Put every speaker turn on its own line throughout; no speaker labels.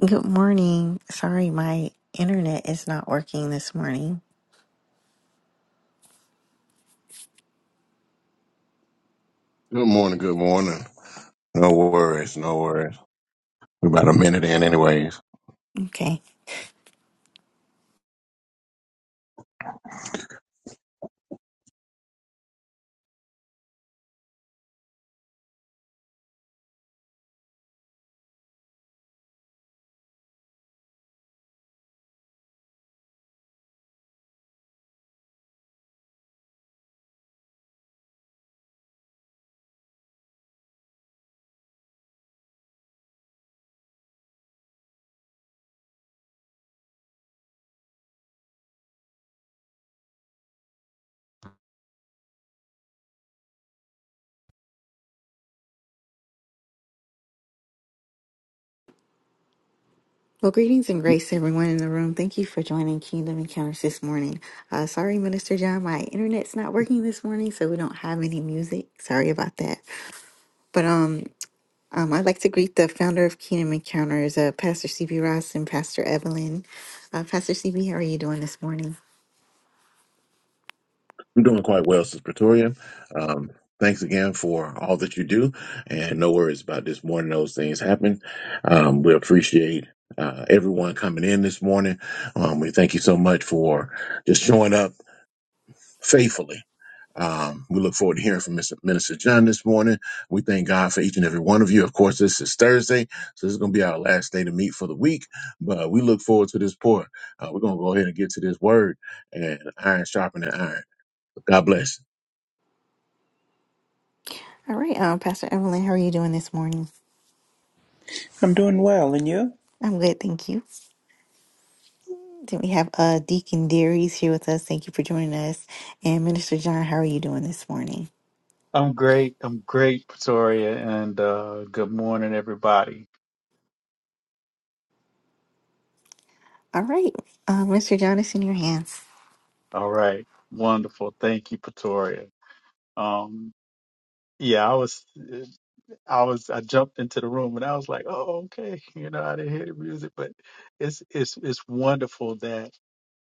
Good morning. Sorry, my internet is not working this morning. Okay. Well, greetings and grace, to everyone in the room. Thank you for joining Kingdom Encounters this morning. Uh, sorry, Minister John, my internet's not working this morning, so we don't have any music. Sorry about that. But um, um, I'd like to greet the founder of Kingdom Encounters, uh, Pastor CB Ross and Pastor Evelyn. Uh, Pastor CB, how are you doing this morning? All right, um, Pastor Evelyn, how are you doing this morning?
I'm doing well, and you?
I'm good, thank you. Then we have uh, Deacon Dearies here with us. Thank you for joining us. And Minister John, how are you doing this morning?
I'm great. I'm great, Pretoria, and uh, good morning, everybody.
All right, uh, Minister John, it's in your hands.
All right, wonderful. Thank you, Pretoria. Um, yeah, I was, I was, I jumped into the room and I was like, oh, okay, you know, I didn't hear the music, but it's, it's, it's wonderful that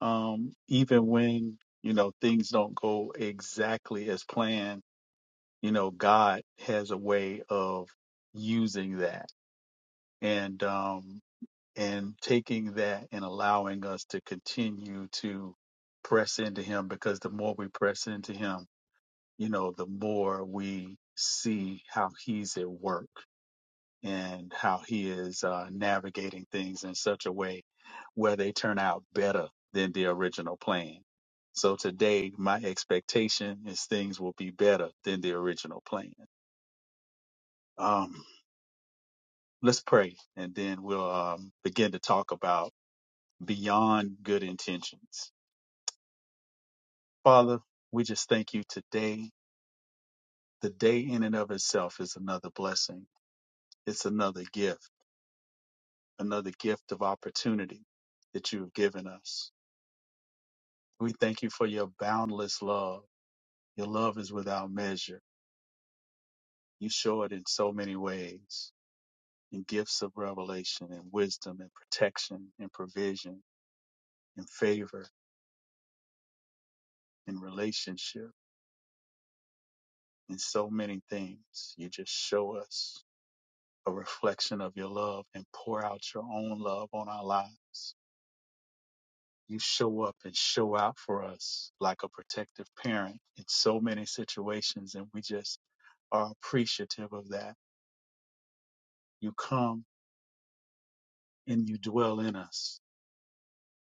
um, even when you know things don't go exactly as planned, you know, God has a way of using that, and um, and taking that and allowing us to continue to press into him because the more we press into him, you know, the more we see how he's at work and how he is uh, navigating things in such a way where they turn out better than the original plan. So today, my expectation is things will be better than the original plan. Um, let's pray, and then we'll um, begin to talk about beyond good intentions. Father, we just thank you today. The day in and of itself is another blessing. It's another gift, another gift of opportunity that you have given us. We thank you for your boundless love. Your love is without measure. You show it in so many ways in gifts of revelation and wisdom and protection and provision and favor and relationship and so many things. You just show us a reflection of your love and pour out your own love on our lives. You show up and show out for us like a protective parent in so many situations, and we just are appreciative of that. You come and you dwell in us,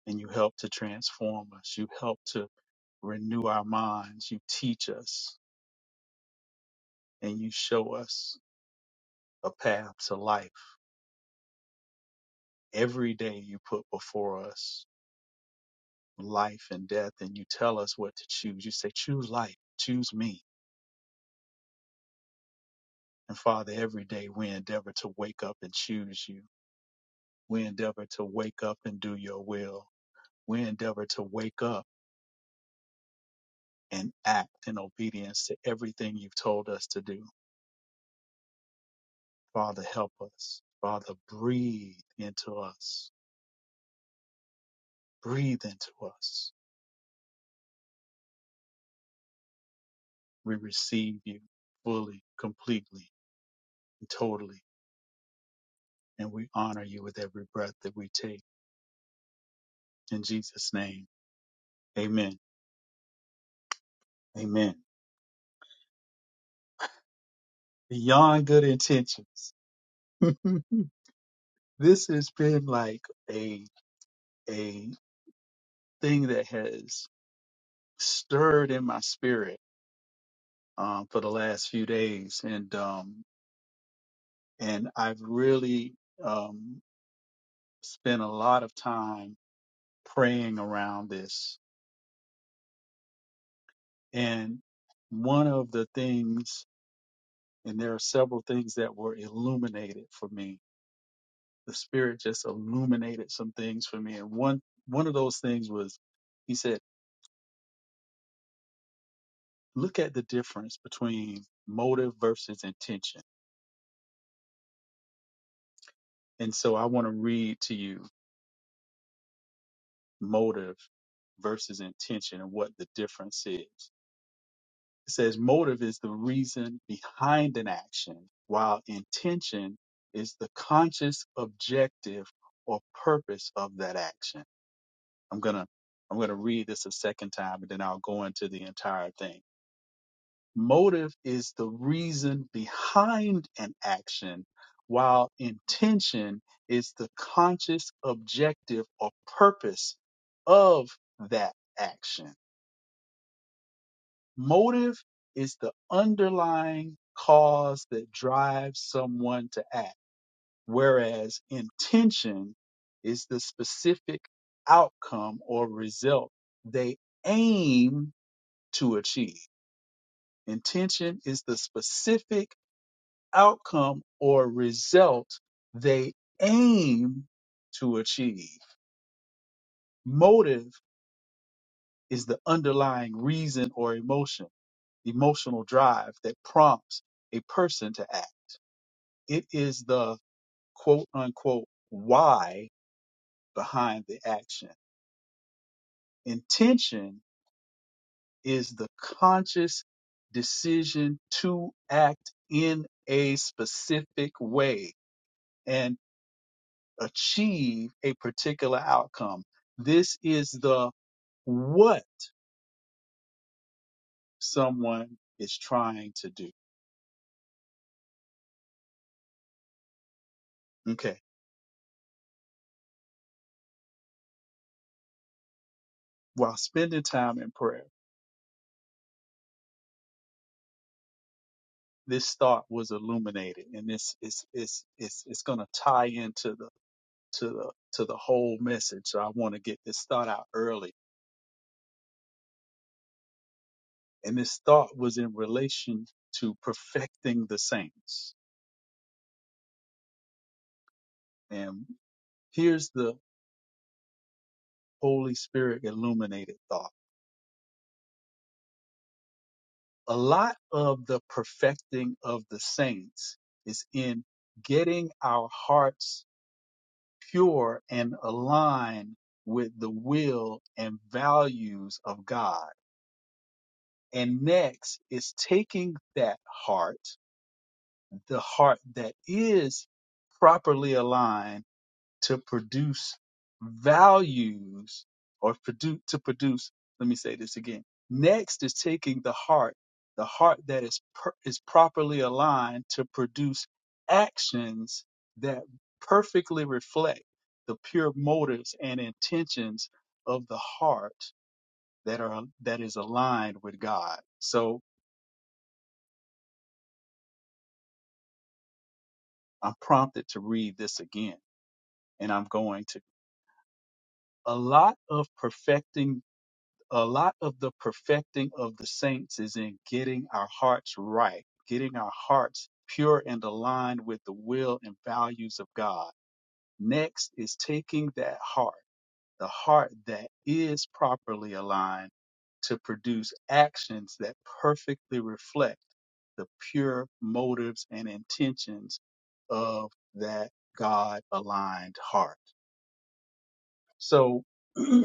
and you help to transform us. You help to renew our minds. You teach us, and you show us a path to life. Every day you put before us life and death, and you tell us what to choose. You say, Choose life, choose me. And Father, every day we endeavor to wake up and choose you We endeavor to wake up and do your will. We endeavor to wake up and act in obedience to everything you've told us to do. Father, help us. Father, breathe into us. Breathe into us. We receive you fully, completely, and totally. And we honor you with every breath that we take. In Jesus' name, amen. Amen. Beyond good intentions. this has been like a, a thing that has stirred in my spirit um, for the last few days, and um, and I've really um, spent a lot of time praying around this. And one of the things, and there are several things that were illuminated for me. The Spirit just illuminated some things for me, and one one of those things was, He said, "Look at the difference between motive versus intention." And so I want to read to you motive versus intention and what the difference is. It says motive is the reason behind an action, while intention is the conscious objective or purpose of that action. I'm going to I'm going to read this a second time and then I'll go into the entire thing. Motive is the reason behind an action, while intention is the conscious objective or purpose of that action. Motive is the underlying cause that drives someone to act, whereas intention is the specific outcome or result they aim to achieve. Intention is the specific outcome or result they aim to achieve. Motive is the underlying reason or emotion, emotional drive that prompts a person to act. It is the quote unquote why behind the action. Intention is the conscious decision to act in a specific way and achieve a particular outcome. This is the what someone is trying to do. Okay. While spending time in prayer, this thought was illuminated and this is it's it's it's gonna tie into the to the to the whole message. So I want to get this thought out early. And this thought was in relation to perfecting the saints. And here's the Holy Spirit illuminated thought. A lot of the perfecting of the saints is in getting our hearts pure and aligned with the will and values of God. And next is taking that heart the heart that is properly aligned to produce values or produce to produce let me say this again next is taking the heart the heart that is per, is properly aligned to produce actions that perfectly reflect the pure motives and intentions of the heart that are that is aligned with God so I'm prompted to read this again and I'm going to a lot of perfecting a lot of the perfecting of the saints is in getting our hearts right getting our hearts pure and aligned with the will and values of god next is taking that heart the heart that is properly aligned to produce actions that perfectly reflect the pure motives and intentions of that god aligned heart so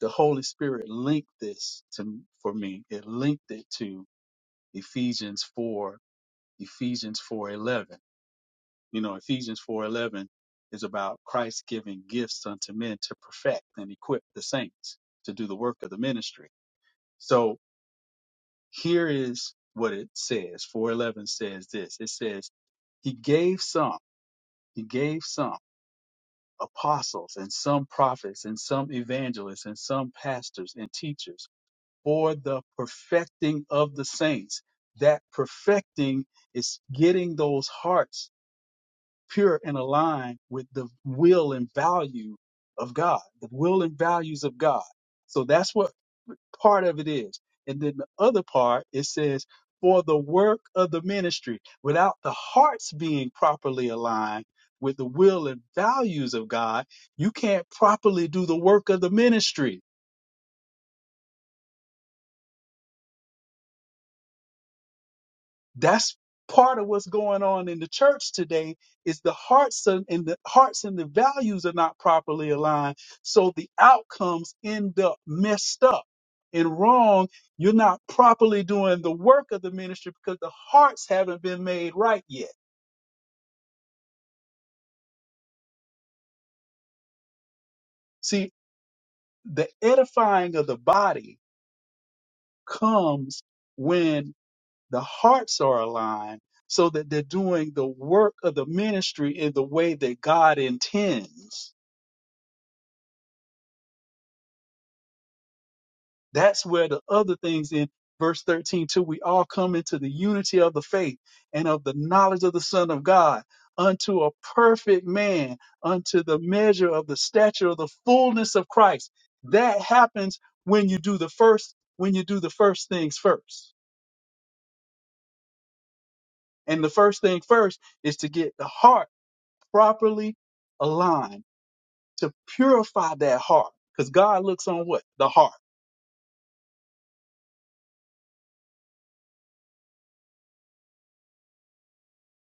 the Holy Spirit linked this to for me. It linked it to Ephesians four, Ephesians four eleven. You know, Ephesians four eleven is about Christ giving gifts unto men to perfect and equip the saints to do the work of the ministry. So here is what it says. Four eleven says this. It says he gave some. He gave some apostles and some prophets and some evangelists and some pastors and teachers for the perfecting of the saints. That perfecting is getting those hearts pure and aligned with the will and value of God, the will and values of God. So that's what part of it is. And then the other part, it says, for the work of the ministry, without the hearts being properly aligned with the will and values of God, you can't properly do the work of the ministry That's part of what's going on in the church today is the hearts and, and the hearts and the values are not properly aligned. So the outcomes end up messed up and wrong. You're not properly doing the work of the ministry because the hearts haven't been made right yet. See, the edifying of the body comes when the hearts are aligned so that they're doing the work of the ministry in the way that God intends. That's where the other things in verse 13 too, we all come into the unity of the faith and of the knowledge of the Son of God unto a perfect man, unto the measure of the stature of the fullness of Christ. That happens when you do the first, when you do the first things first. And the first thing first is to get the heart properly aligned, to purify that heart. Because God looks on what? The heart.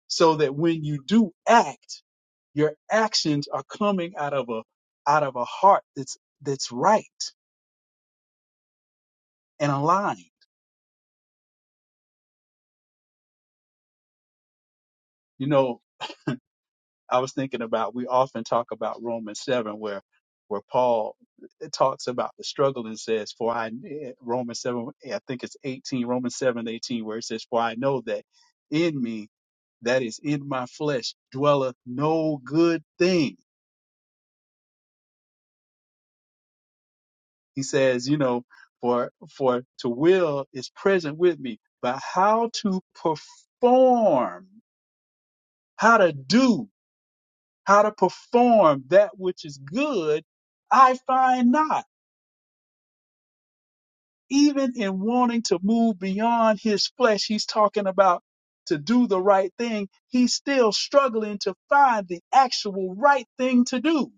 So that when you do act, Your actions are coming out of a out of a heart that's that's right and aligned. You know, I was thinking about we often talk about Romans seven where where Paul talks about the struggle and says, For I Romans seven I think it's eighteen, Romans seven eighteen, where it says, For I know that in me that is in my flesh dwelleth no good thing He says, you know, for for to will is present with me, but how to perform, how to do, how to perform that which is good, I find not. Even in wanting to move beyond his flesh, he's talking about to do the right thing. He's still struggling to find the actual right thing to do.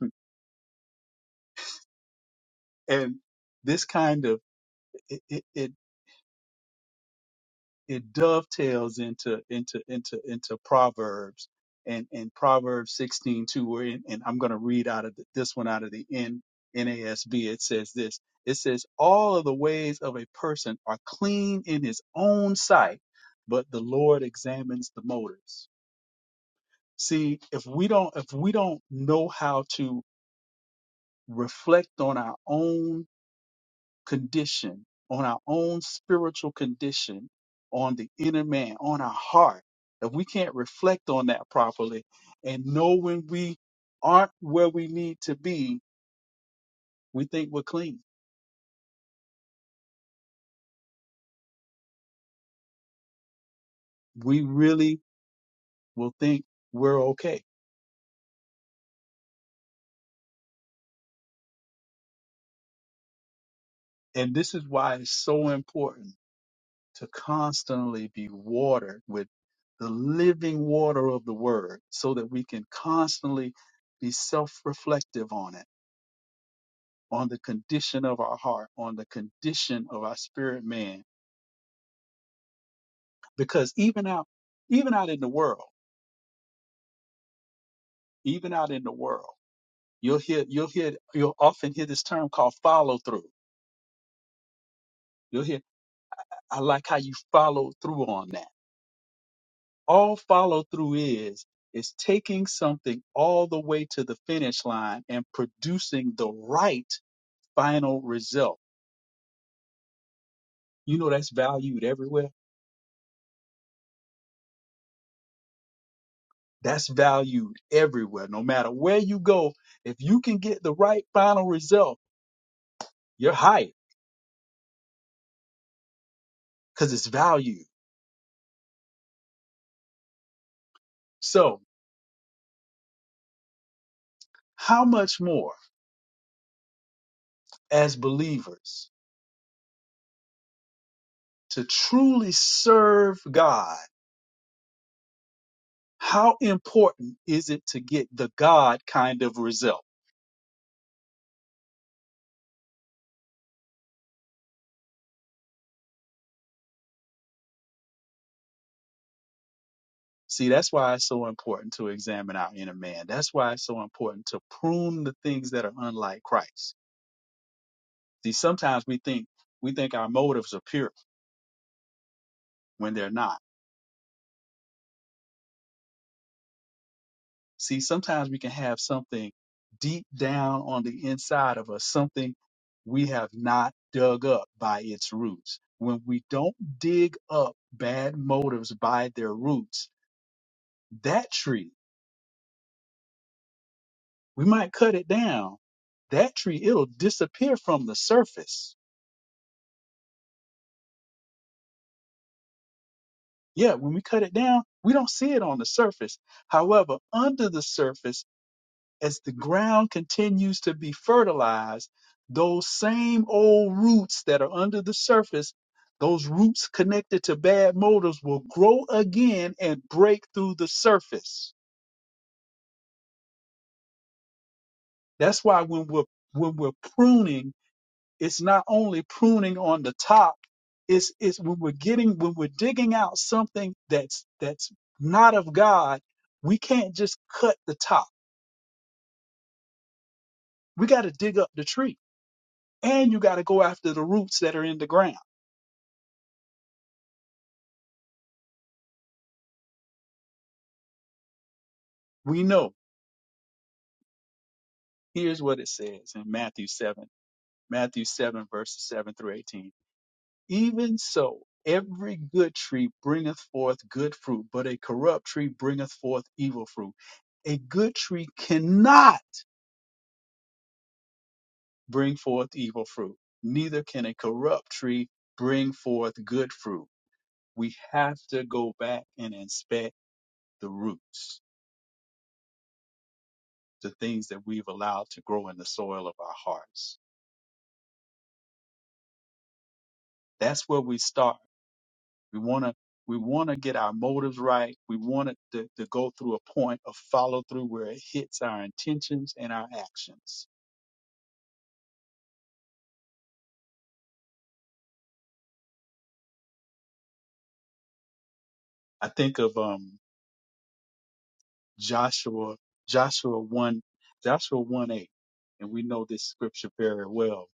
And this kind of it, it, it it dovetails into into into into Proverbs and and Proverbs 16 too. Where in, and I'm going to read out of the, this one out of the N, NASB. It says this. It says all of the ways of a person are clean in his own sight, but the Lord examines the motives. See, if we don't if we don't know how to reflect on our own condition, on our own spiritual condition, on the inner man, on our heart. If we can't reflect on that properly and know when we aren't where we need to be, we think we're clean. We really will think we're okay. And this is why it's so important to constantly be watered with the living water of the word so that we can constantly be self reflective on it on the condition of our heart, on the condition of our spirit man. Because even out, even out in the world, even out in the world, you'll hear, you'll hear, you'll often hear this term called follow through. You'll hear, I like how you follow through on that. All follow through is, is taking something all the way to the finish line and producing the right final result. You know, that's valued everywhere That's valued everywhere. No matter where you go, if you can get the right final result, you're hired because it's valued. So, how much more as believers to truly serve God? How important is it to get the God kind of result? See, that's why it's so important to examine our inner man. That's why it's so important to prune the things that are unlike Christ. See, sometimes we think we think our motives are pure when they're not See, sometimes we can have something deep down on the inside of us, something we have not dug up by its roots. When we don't dig up bad motives by their roots, that tree, we might cut it down. That tree, it'll disappear from the surface. Yeah, when we cut it down, we don't see it on the surface. However, under the surface, as the ground continues to be fertilized, those same old roots that are under the surface, those roots connected to bad motives will grow again and break through the surface. That's why when we're when we're pruning, it's not only pruning on the top, it's it's when we're getting when we're digging out something that's that's not of God, we can't just cut the top. We got to dig up the tree. And you got to go after the roots that are in the ground. We know. Here's what it says in Matthew 7, Matthew 7, verses 7 through 18. Even so, every good tree bringeth forth good fruit, but a corrupt tree bringeth forth evil fruit. A good tree cannot bring forth evil fruit, neither can a corrupt tree bring forth good fruit. We have to go back and inspect the roots, the things that we've allowed to grow in the soil of our hearts. That's where we start We want to we want to get our motives right. We want it to, to go through a point of follow through where it hits our intentions and our actions. I think of um Joshua Joshua one Joshua one eight, and we know this scripture very well.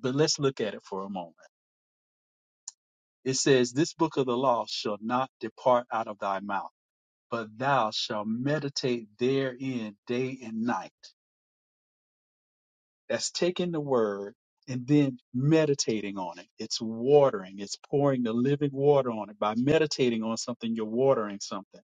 But let's look at it for a moment. It says, "This book of the law shall not depart out of thy mouth, but thou shalt meditate therein day and night." That's taking the word and then meditating on it. It's watering, it's pouring the living water on it. By meditating on something, you're watering something.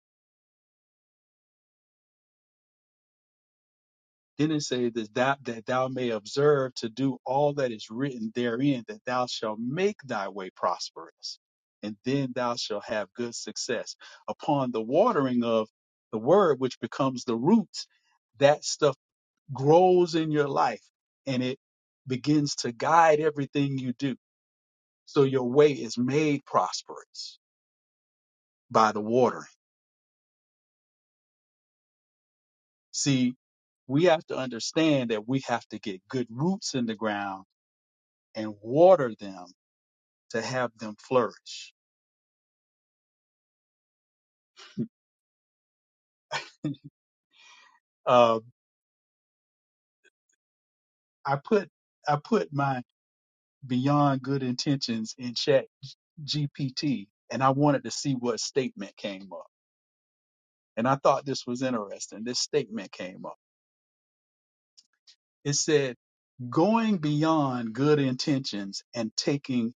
Then it says that thou, that thou may observe to do all that is written therein, that thou shalt make thy way prosperous, and then thou shalt have good success. Upon the watering of the word, which becomes the roots, that stuff grows in your life and it begins to guide everything you do So your way is made prosperous by the watering. See, we have to understand that we have to get good roots in the ground and water them to have them flourish. Uh, I put I put my beyond good intentions in chat GPT and I wanted to see what statement came up. And I thought this was interesting. This statement came up. It said, going beyond good intentions and taking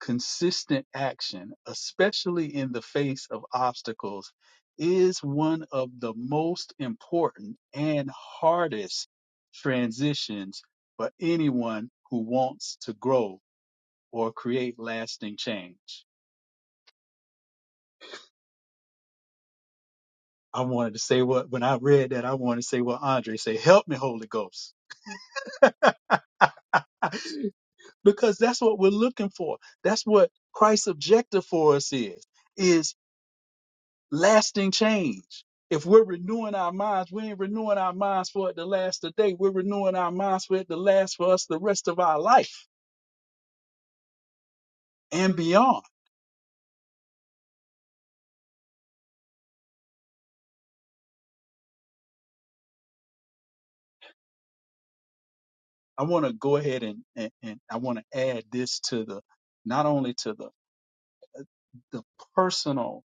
Consistent action, especially in the face of obstacles, is one of the most important and hardest transitions for anyone who wants to grow or create lasting change. I wanted to say what, when I read that, I wanted to say what Andre said, help me, Holy Ghost. because that's what we're looking for. That's what Christ's objective for us is, is lasting change. If we're renewing our minds, we ain't renewing our minds for it to last today. We're renewing our minds for it to last for us the rest of our life and beyond. I want to go ahead and, and, and I want to add this to the not only to the, the personal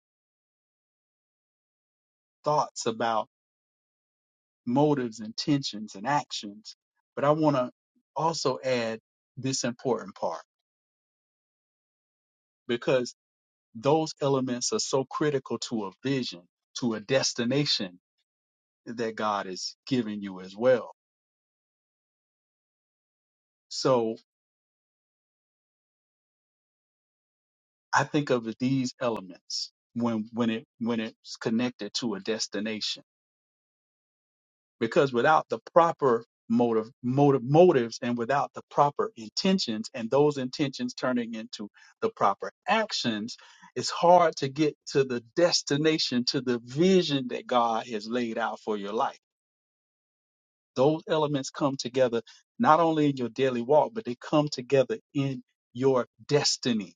thoughts about motives, intentions, and actions, but I want to also add this important part because those elements are so critical to a vision, to a destination that God is giving you as well. So I think of these elements when when it when it's connected to a destination because without the proper motive, motive motives and without the proper intentions and those intentions turning into the proper actions it's hard to get to the destination to the vision that God has laid out for your life those elements come together not only in your daily walk but they come together in your destiny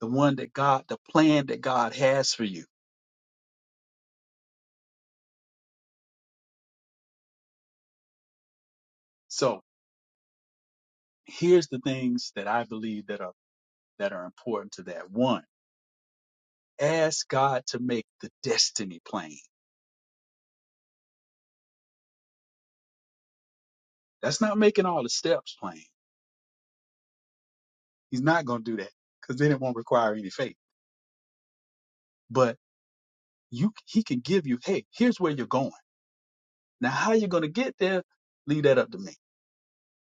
the one that God, the plan that God has for you. So here's the things that I believe that are that are important to that. One, ask God to make the destiny plain. That's not making all the steps plain. He's not going to do that because then it won't require any faith. But you, He can give you, hey, here's where you're going. Now, how you're going to get there, leave that up to me.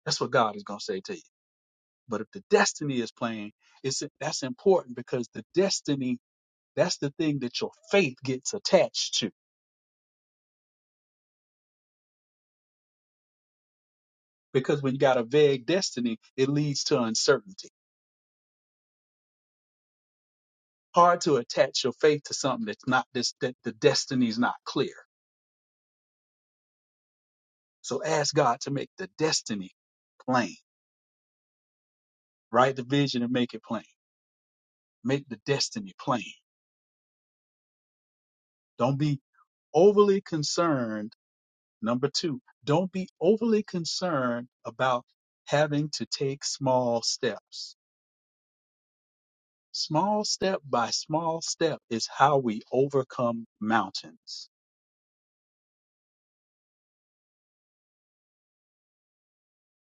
That's what God is going to say to you. But if the destiny is plain, it's that's important because the destiny, that's the thing that your faith gets attached to because when you got a vague destiny, it leads to uncertainty. Hard to attach your faith to something that's not this that the destiny's not clear. So ask God to make the destiny plain. Write the vision and make it plain. Make the destiny plain. Don't be overly concerned. Number two, don't be overly concerned about having to take small steps. Small step by small step is how we overcome mountains.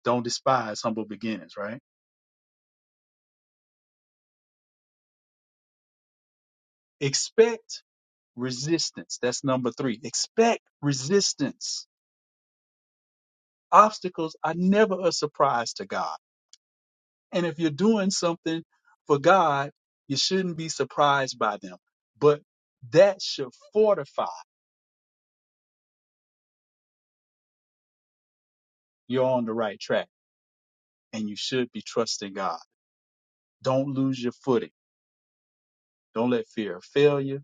Don't despise humble beginnings, right? Expect resistance. That's number three. Expect resistance. Obstacles are never a surprise to God. And if you're doing something for God, you shouldn't be surprised by them. But that should fortify you're on the right track and you should be trusting God. Don't lose your footing. Don't let fear of failure,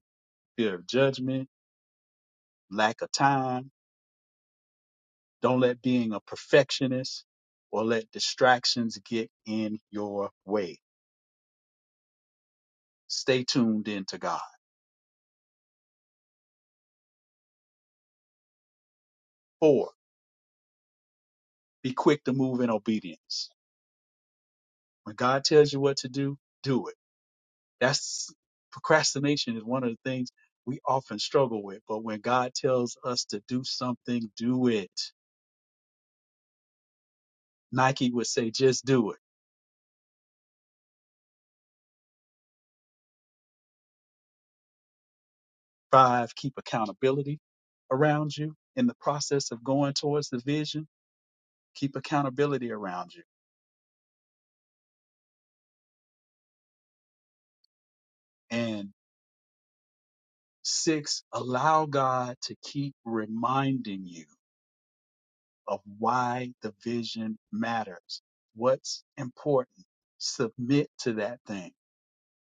fear of judgment, lack of time, don't let being a perfectionist or let distractions get in your way Stay tuned in to God. Four, be quick to move in obedience. When God tells you what to do, do it. That's procrastination is one of the things we often struggle with. But when God tells us to do something, do it. Nike would say, just do it. Five, keep accountability around you in the process of going towards the vision. Keep accountability around you. And six, allow God to keep reminding you of why the vision matters. What's important? Submit to that thing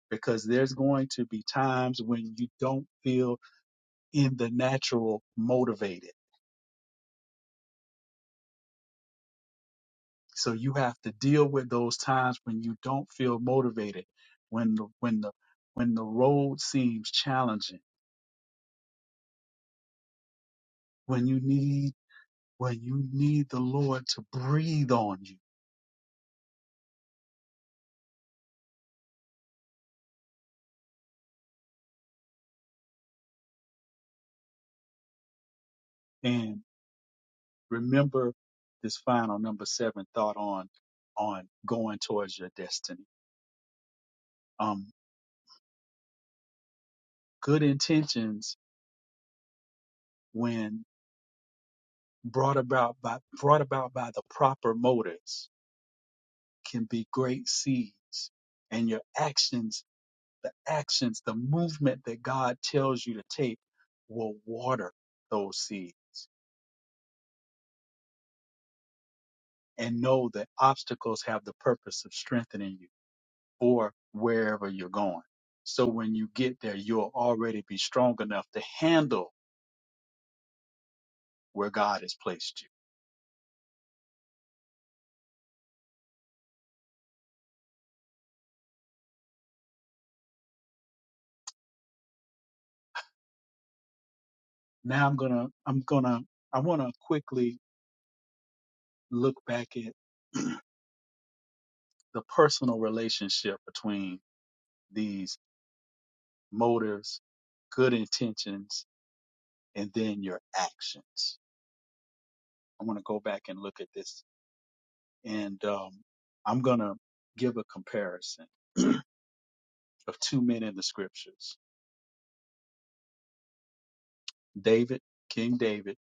because there's going to be times when you don't feel in the natural motivated. So you have to deal with those times when you don't feel motivated, when the, when the when the road seems challenging, when you need when you need the Lord to breathe on you. and. remember this final number seven thought on on going towards your destiny. Um, good intentions, when brought about by brought about by the proper motives, can be great seeds. And your actions, the actions, the movement that God tells you to take, will water those seeds. And know that obstacles have the purpose of strengthening you or wherever you're going. So when you get there, you'll already be strong enough to handle where God has placed you. Now I'm going to, I'm going to, I want to quickly look back at the personal relationship between these motives, good intentions, and then your actions. I want to go back and look at this and, um, I'm going to give a comparison of two men in the scriptures, David, King David,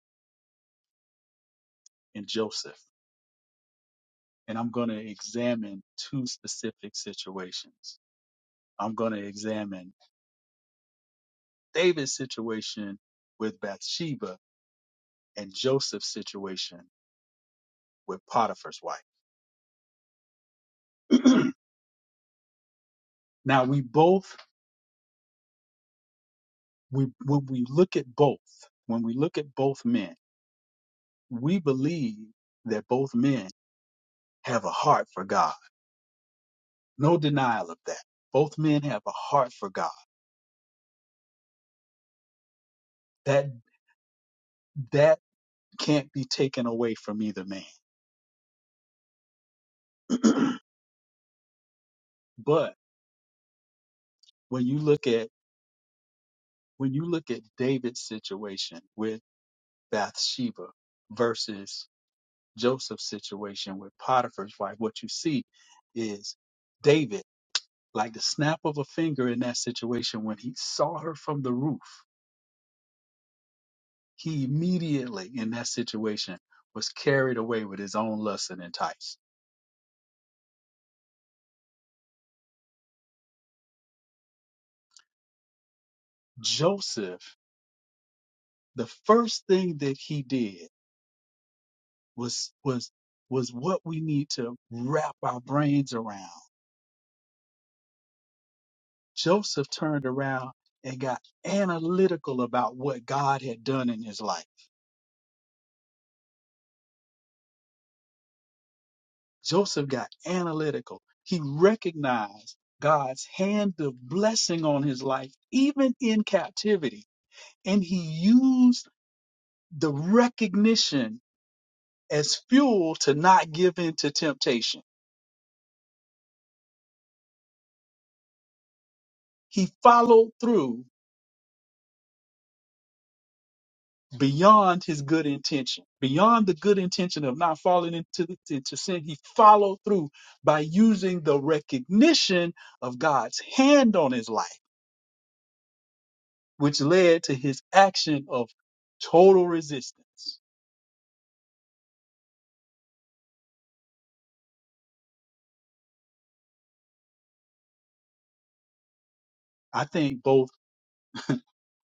and Joseph. and I'm going to examine two specific situations. I'm going to examine David's situation with Bathsheba and Joseph's situation with Potiphar's wife. now we both we when we look at both, when we look at both men, we believe that both men have a heart for God. No denial of that. Both men have a heart for God. That that can't be taken away from either man. but when you look at when you look at David's situation with Bathsheba versus Joseph's situation with Potiphar's wife, what you see is David, like the snap of a finger in that situation, when he saw her from the roof, he immediately in that situation was carried away with his own lust and enticed. Joseph, the first thing that he did was was was what we need to wrap our brains around Joseph turned around and got analytical about what God had done in his life. Joseph got analytical. He recognized God's hand of blessing on his life, even in captivity. And he used the recognition as fuel to not give in to temptation. He followed through beyond his good intention, beyond the good intention of not falling into, the, into sin. He followed through by using the recognition of God's hand on his life, which led to his action of total resistance. I think both,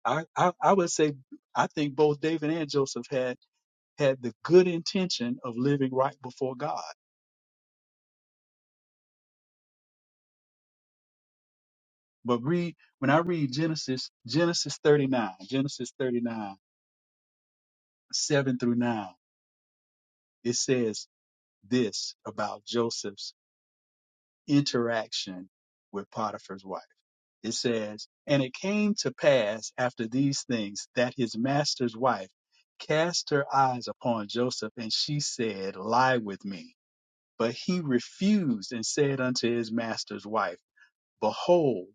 I, I, I would say, I think both David and Joseph had had the good intention of living right before God. But read when I read Genesis, Genesis 39, Genesis 39, 7 through 9, it says, this about Joseph's interaction with Potiphar's wife. It says, And it came to pass after these things that his master's wife cast her eyes upon Joseph, and she said, Lie with me. But he refused and said unto his master's wife, Behold,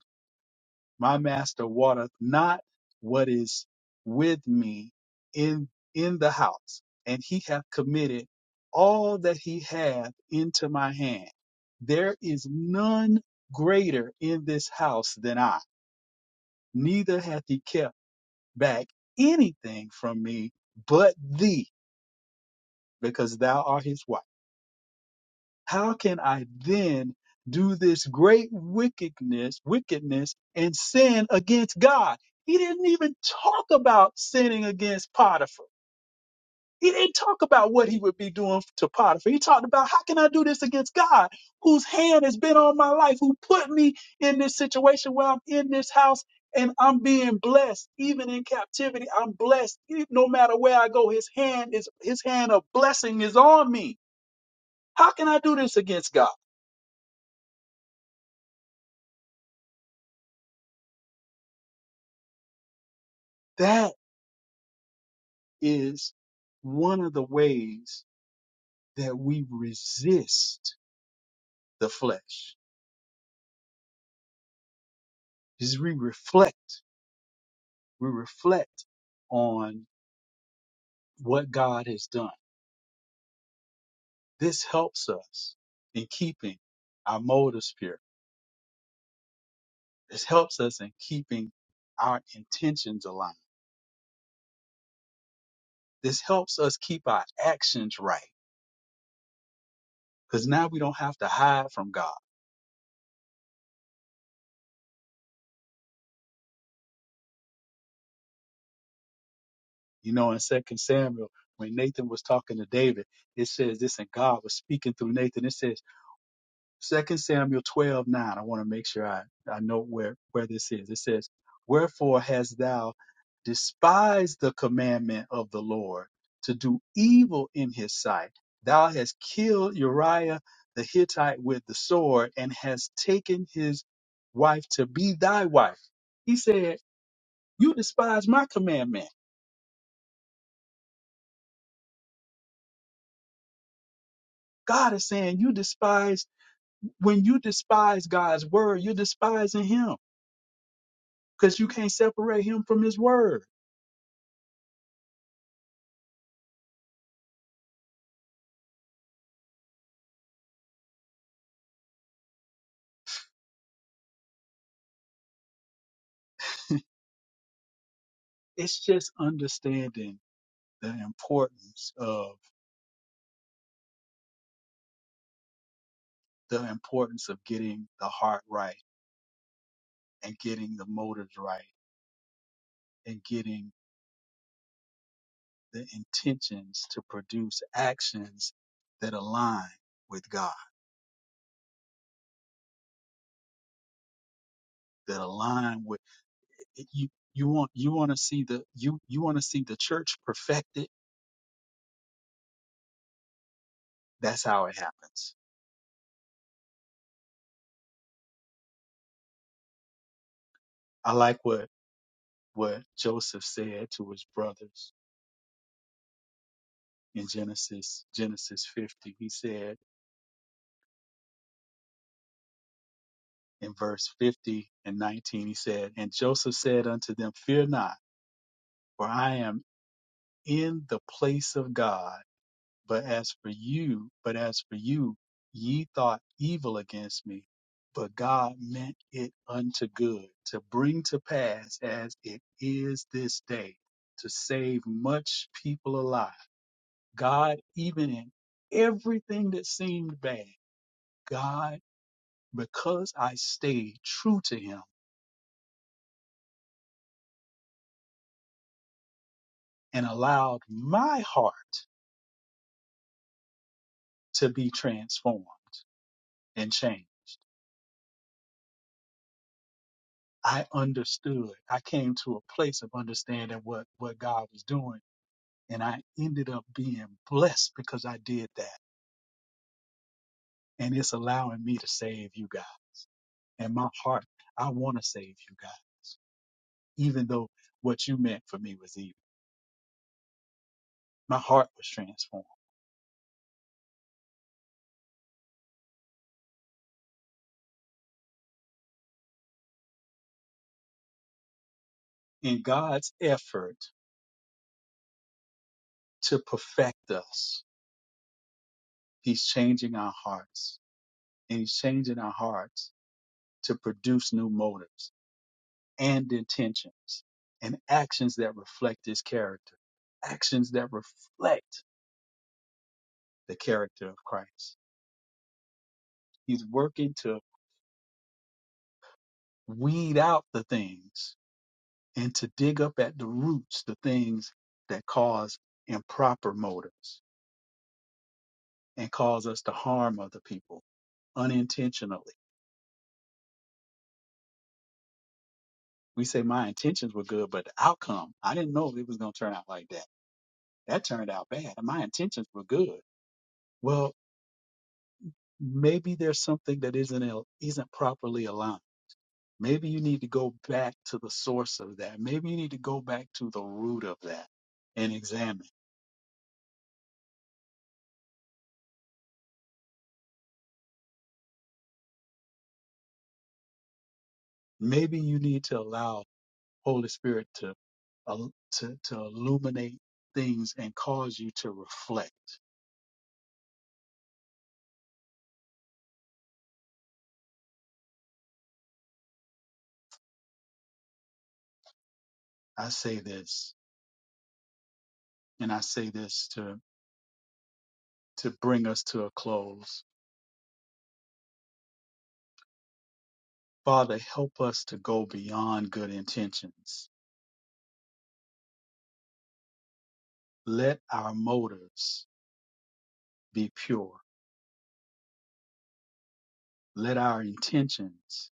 my master watereth not what is with me in in the house and he hath committed all that he hath into my hand there is none greater in this house than i neither hath he kept back anything from me but thee because thou art his wife how can I then do this great wickedness, wickedness and sin against God? He didn't even talk about sinning against Potiphar. He didn't talk about what he would be doing to Potiphar. He talked about how can I do this against God, whose hand has been on my life, who put me in this situation where I'm in this house and I'm being blessed, even in captivity. I'm blessed. E- No matter where I go, his hand is his hand of blessing is on me. How can I do this against God? That is one of the ways that we resist the flesh is we reflect we reflect on what god has done this helps us in keeping our motives pure this helps us in keeping our intentions aligned this helps us keep our actions right because now we don't have to hide from god you know in second samuel when nathan was talking to david it says this and god was speaking through nathan it says Second Samuel twelve nine. I want to make sure I, I know where, where this is. It says, Wherefore hast thou despised the commandment of the Lord to do evil in his sight? Thou hast killed Uriah the Hittite with the sword and hast taken his wife to be thy wife. He said, You despise my commandment. God is saying, You despise, when you despise God's word, you're despising him because you can't separate him from his word. it's just understanding the importance of the importance of getting the heart right and getting the motives right and getting the intentions to produce actions that align with God that align with it- you you want you want to see the you you want to see the church perfected that's how it happens i like what what joseph said to his brothers in genesis genesis 50 he said in verse 50 and 19, he said, And Joseph said unto them, Fear not, for I am in the place of God. But as for you, but as for you, ye thought evil against me, but God meant it unto good, to bring to pass as it is this day, to save much people alive. God, even in everything that seemed bad, God, because I stayed true to him and allowed my heart to be transformed and changed. I understood. I came to a place of understanding what, what God was doing. And I ended up being blessed because I did that. And it's allowing me to save you guys. And my heart, I want to save you guys, even though what you meant for me was evil. My heart was transformed. In God's effort to perfect us, He's changing our hearts. And He's changing our hearts to produce new motives and intentions and actions that reflect his character, actions that reflect the character of Christ. He's working to weed out the things and to dig up at the roots the things that cause improper motives and cause us to harm other people unintentionally. We say my intentions were good, but the outcome, I didn't know it was going to turn out like that. That turned out bad. And my intentions were good. Well, maybe there's something that isn't al- isn't properly aligned. Maybe you need to go back to the source of that. Maybe you need to go back to the root of that and examine. Maybe you need to allow Holy Spirit to al- to, to illuminate things and cause you to reflect. I say this, and I say this to to bring us to a close. Father, help us to go beyond good intentions. Let our motives be pure Let our intentions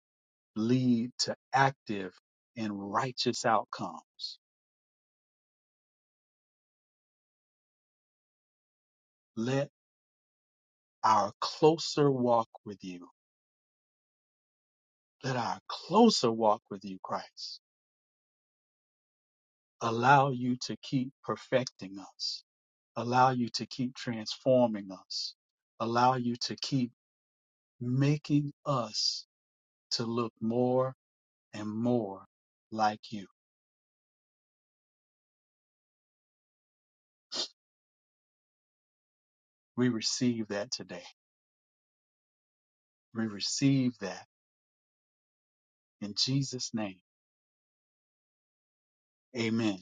lead to active and righteous outcomes. Let our closer walk with you, let our closer walk with you, Christ, allow you to keep perfecting us, allow you to keep transforming us, allow you to keep making us to look more and more like you. We receive that today. We receive that in Jesus' name. Amen.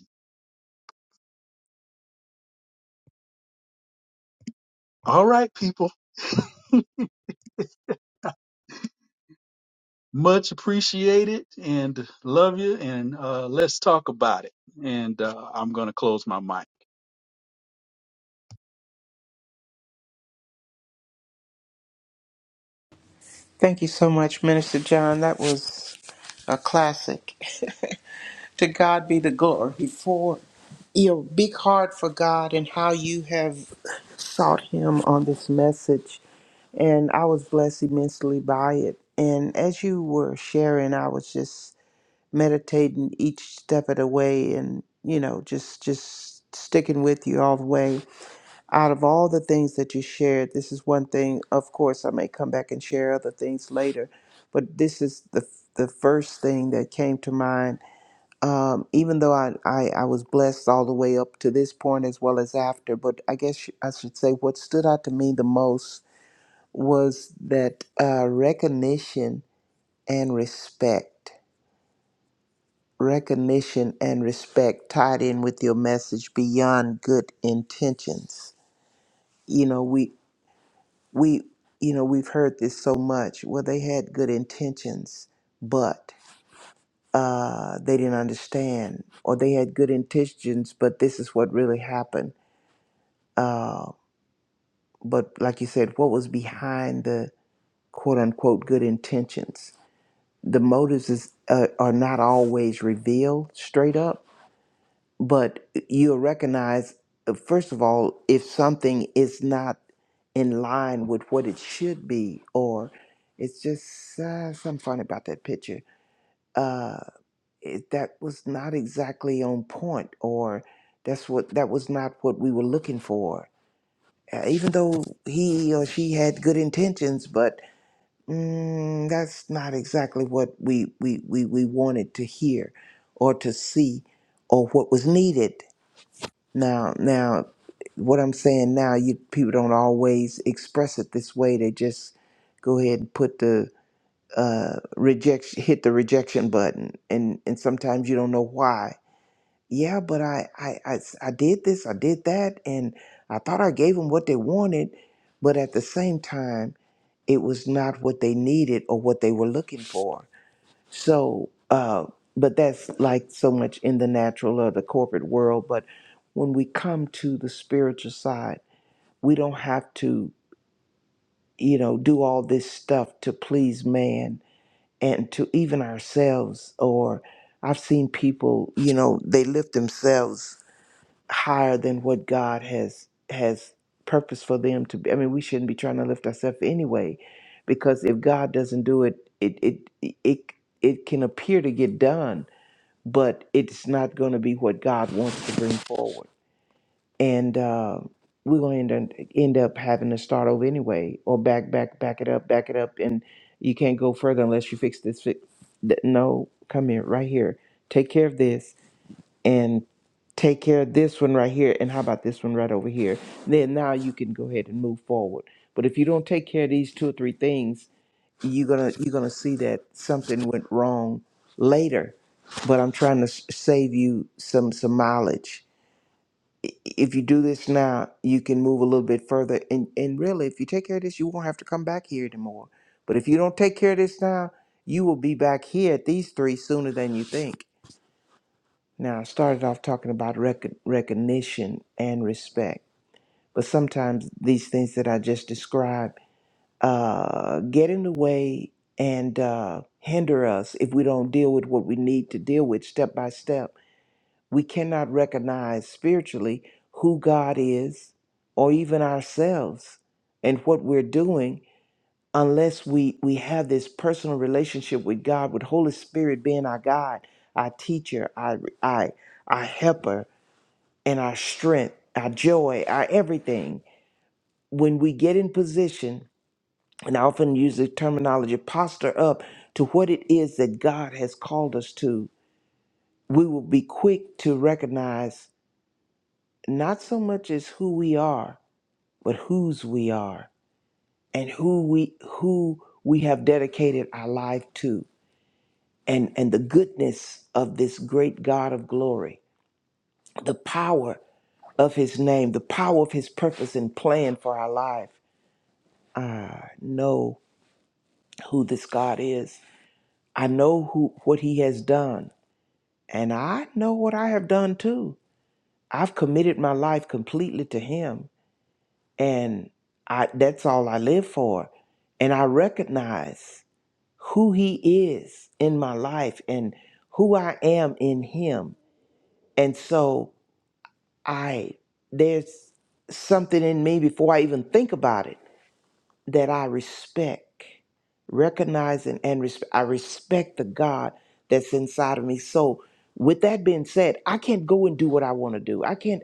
All right, people. Much appreciated and love you. And uh, let's talk about it. And uh, I'm going to close my mic.
Thank you so much, Minister John. That was a classic. to God be the glory for your big heart for God and how you have sought Him on this message. And I was blessed immensely by it. And as you were sharing, I was just meditating each step of the way, and you know, just just sticking with you all the way. out of all the things that you shared, this is one thing. Of course, I may come back and share other things later, but this is the the first thing that came to mind. Um, even though I, I I was blessed all the way up to this point as well as after, but I guess I should say what stood out to me the most was that uh, recognition and respect, recognition and respect tied in with your message beyond good intentions. You know, we we you know we've heard this so much well they had good intentions but uh they didn't understand or they had good intentions but this is what really happened uh but like you said what was behind the quote unquote good intentions the motives is, uh, are not always revealed straight up but you'll recognize uh, first of all if something is not in line with what it should be or it's just uh, something funny about that picture uh it, that was not exactly on point or that's what that was not what we were looking for uh, even though he or she had good intentions but mm, that's not exactly what we, we we we wanted to hear or to see or what was needed now, now, what I'm saying now, you people don't always express it this way. They just go ahead and put the uh, rejection, hit the rejection button, and and sometimes you don't know why. Yeah, but I I I, s- I did this, I did that, and I thought I gave them what they wanted, but at the same time, it was not what they needed or what they were looking for so, uh, but that's like so much in the natural or the corporate world. But when we come to the spiritual side, we don't have to, you know, do all this stuff to please man and to even ourselves. Or I've seen people, you know, they lift themselves higher than what God has has purpose for them to be. I mean, we shouldn't be trying to lift ourselves anyway, because if God doesn't do it, it it it it can appear to get done but it's not going to be what God wants to bring forward. And uh, we're going to end up, end up having to start over anyway, or back, back, back it up, back it up, and you can't go further unless you fix this. Fix. th- No, come here, right here. Take care of this, and take care of this one right here, and how about this one right over here? Then now you can go ahead and move forward. But if you don't take care of these two or three things, you're gonna you're gonna see that something went wrong later but i'm trying to s- save you some some mileage if you do this now you can move a little bit further and and really if you take care of this you won't have to come back here anymore but if you don't take care of this now you will be back here at these three sooner than you think now i started off talking about rec- recognition and respect but sometimes these things that i just described uh, get in the way and uh, hinder us if we don't deal with what we need to deal with step by step. We cannot recognize spiritually who God is or even ourselves and what we're doing unless we, we have this personal relationship with God, with Holy Spirit being our guide, our teacher, our, our, our helper, and our strength, our joy, our everything. When we get in position and I often use the terminology posture up to what it is that God has called us to, we will be quick to recognize not so much as who we are, but whose we are and who we who we have dedicated our life to and and the goodness of this great God of glory, the power of his name, the power of his purpose and plan for our life. I know who this God is. I know who what he has done. And I know what I have done too. I've committed my life completely to him and I that's all I live for. And I recognize who he is in my life and who I am in him. And so I there's something in me before I even think about it that I respect, recognizing and respect. I respect the God that's inside of me. So, with that being said, I can't go and do what I want to do. I can't.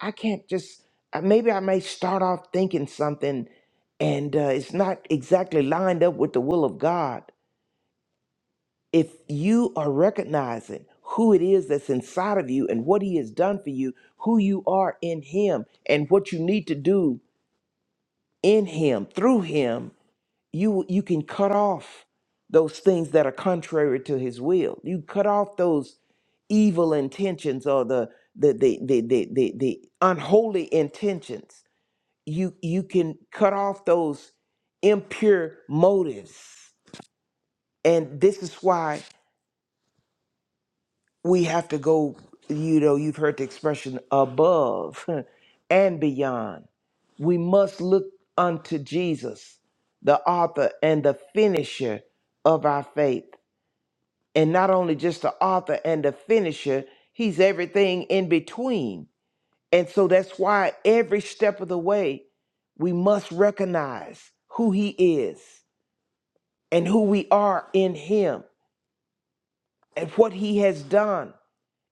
I can't just. uh, Maybe I may start off thinking something, and uh, it's not exactly lined up with the will of God. If you are recognizing who it is that's inside of you and what He has done for you, who you are in Him, and what you need to do in Him through Him, you you can cut off those things that are contrary to his will you cut off those evil intentions or the the the the the, the, the unholy intentions you you can cut off those impure motives and this is why we have to go you know you've heard the expression above and beyond we must look unto jesus the author and the finisher of our faith and not only just the author and the finisher, he's everything in between. And so that's why every step of the way, we must recognize who he is and who we are in him and what he has done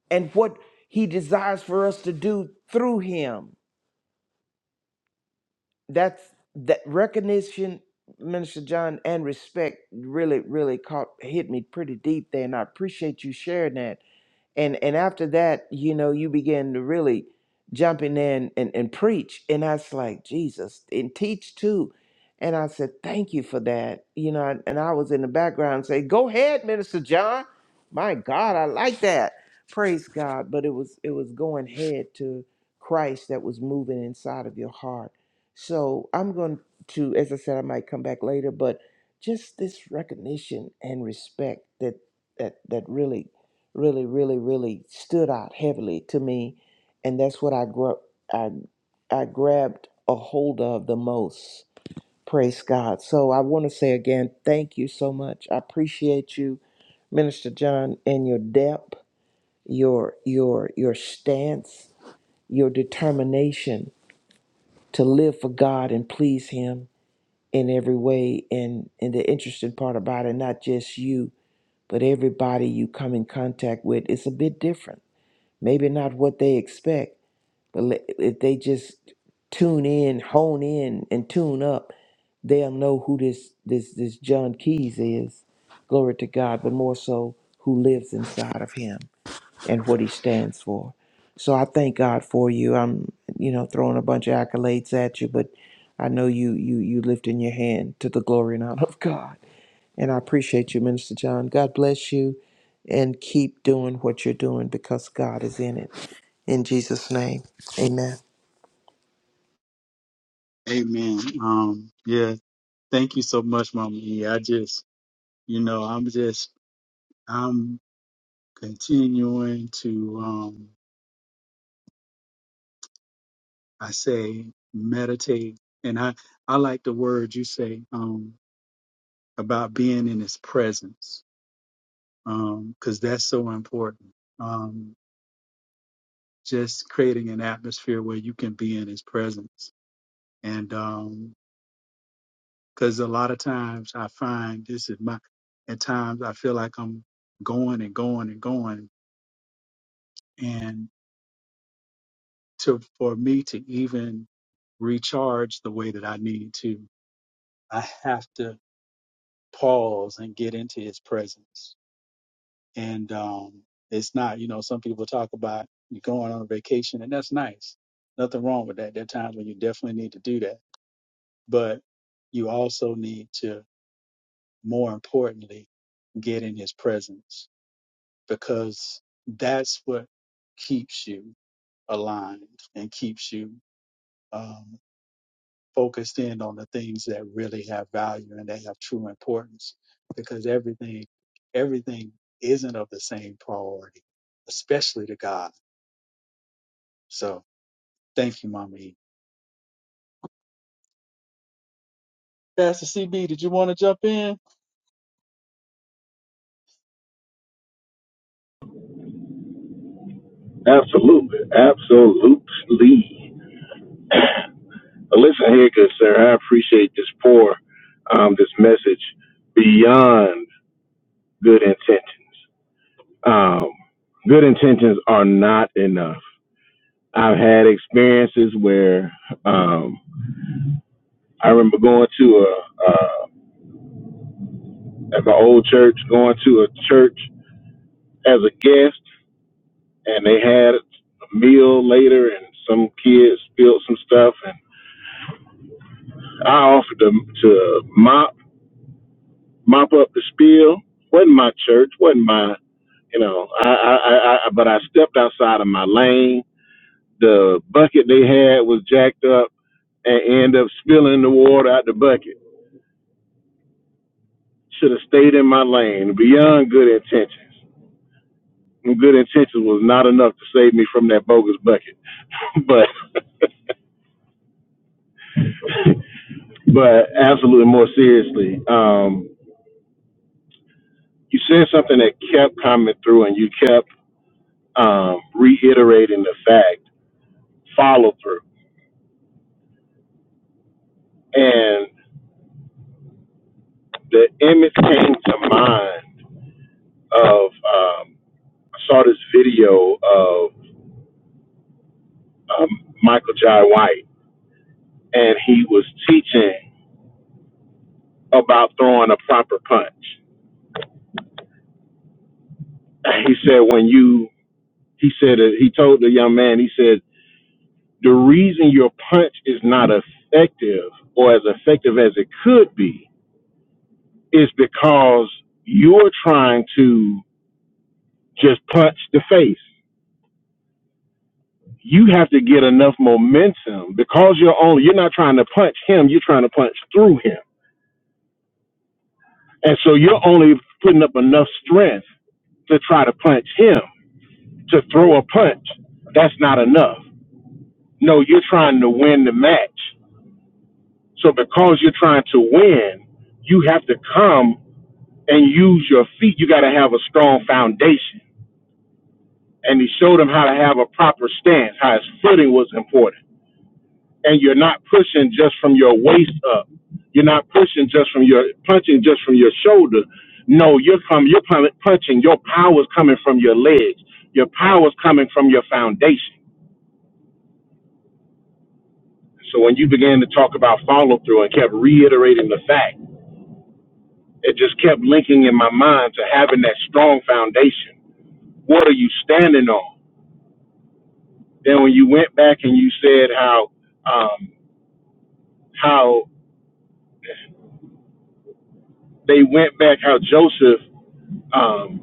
and what he desires for us to do through him. That's that recognition, Minister John, and respect really, really caught hit me pretty deep there. And I appreciate you sharing that and and after that you know you begin to really jump in there and, and, and preach and i was like jesus and teach too and i said thank you for that you know and i was in the background saying go ahead minister john my god i like that praise god but it was it was going head to christ that was moving inside of your heart so i'm going to as i said i might come back later but just this recognition and respect that that that really really, really, really stood out heavily to me, and that's what I gr- I I grabbed a hold of the most. Praise God. So I want to say again, thank you so much. I appreciate you, Minister John, and your depth, your your your stance, your determination to live for God and please Him in every way. And and the interesting part about it, not just you, but everybody you come in contact with, it's a bit different maybe not what they expect, but le- if they just tune in, hone in, and tune up, they'll know who this this this John Keys is. Glory to God, but more so who lives inside of him and what he stands for. So I thank God for you. I'm, you know, throwing a bunch of accolades at you, but I know you you you lifting your hand to the glory and honor of God. And I appreciate you, Minister John. God bless you and keep doing what you're doing because God is in it. In Jesus' name. Amen.
Amen. Um, yeah. Thank you so much, Mama E. I just, you know, I'm just, I'm continuing to, um, I say, meditate. And I, I like the word you say um, about being in his presence because that's so important. Um, just creating an atmosphere where you can be in his presence. And um 'cause because a lot of times I find this is my, at times I feel like I'm going and going and going. And to, for me to even recharge the way that I need to, I have to pause and get into his presence. And um, it's not, you know, some people talk about you going on a vacation and that's nice. Nothing wrong with that. There are times when you definitely need to do that but you also need to, more importantly, get in his presence because that's what keeps you aligned and keeps you um, focused in on the things that really have value and they have true importance because everything, everything isn't of the same priority, especially to God. So thank you, Mama E. Pastor CB, did you want to jump in?
Absolutely. Absolutely. Well, Listen here, good sir. I appreciate this pour, um, this message beyond good intentions. Um, good intentions are not enough. I've had experiences where um, I remember going to a, uh, at my old church, going to a church as a guest, and they had a meal later, and some kids spilled some stuff, and I offered to, to mop mop up the spiel. wasn't my church, wasn't my, you know, I, I, I, I but I stepped outside of my lane. The bucket they had was jacked up and ended up spilling the water out the bucket. Should have stayed in my lane. Beyond good intentions, And good intentions was not enough to save me from that bogus bucket. but, but absolutely more seriously, um, you said something that kept coming through, and you kept um, reiterating the fact follow through. and. the image came to mind of um, I saw this video of um, Michael Jai White, and he was teaching about throwing a proper punch. he said, when you, he said, uh, he told the young man, he said, the reason your punch is not effective or as effective as it could be is because you're trying to just punch the face. you have to get enough momentum because you're only you're not trying to punch him, you're trying to punch through him. And so you're only putting up enough strength to try to punch him. To throw a punch, that's not enough. No, you're trying to win the match. So because you're trying to win, you have to come and use your feet. You got to have a strong foundation. And he showed him how to have a proper stance, how his footing was important and you're not pushing just from your waist up. You're not pushing just from your punching just from your shoulder. No, you're com- you're pun- punching. Your power's coming from your legs. Your power's coming from your foundation. So when you began to talk about follow through and kept reiterating the fact, it just kept linking in my mind to having that strong foundation. What are you standing on? Then when you went back and you said how um, how they went back, how Joseph um,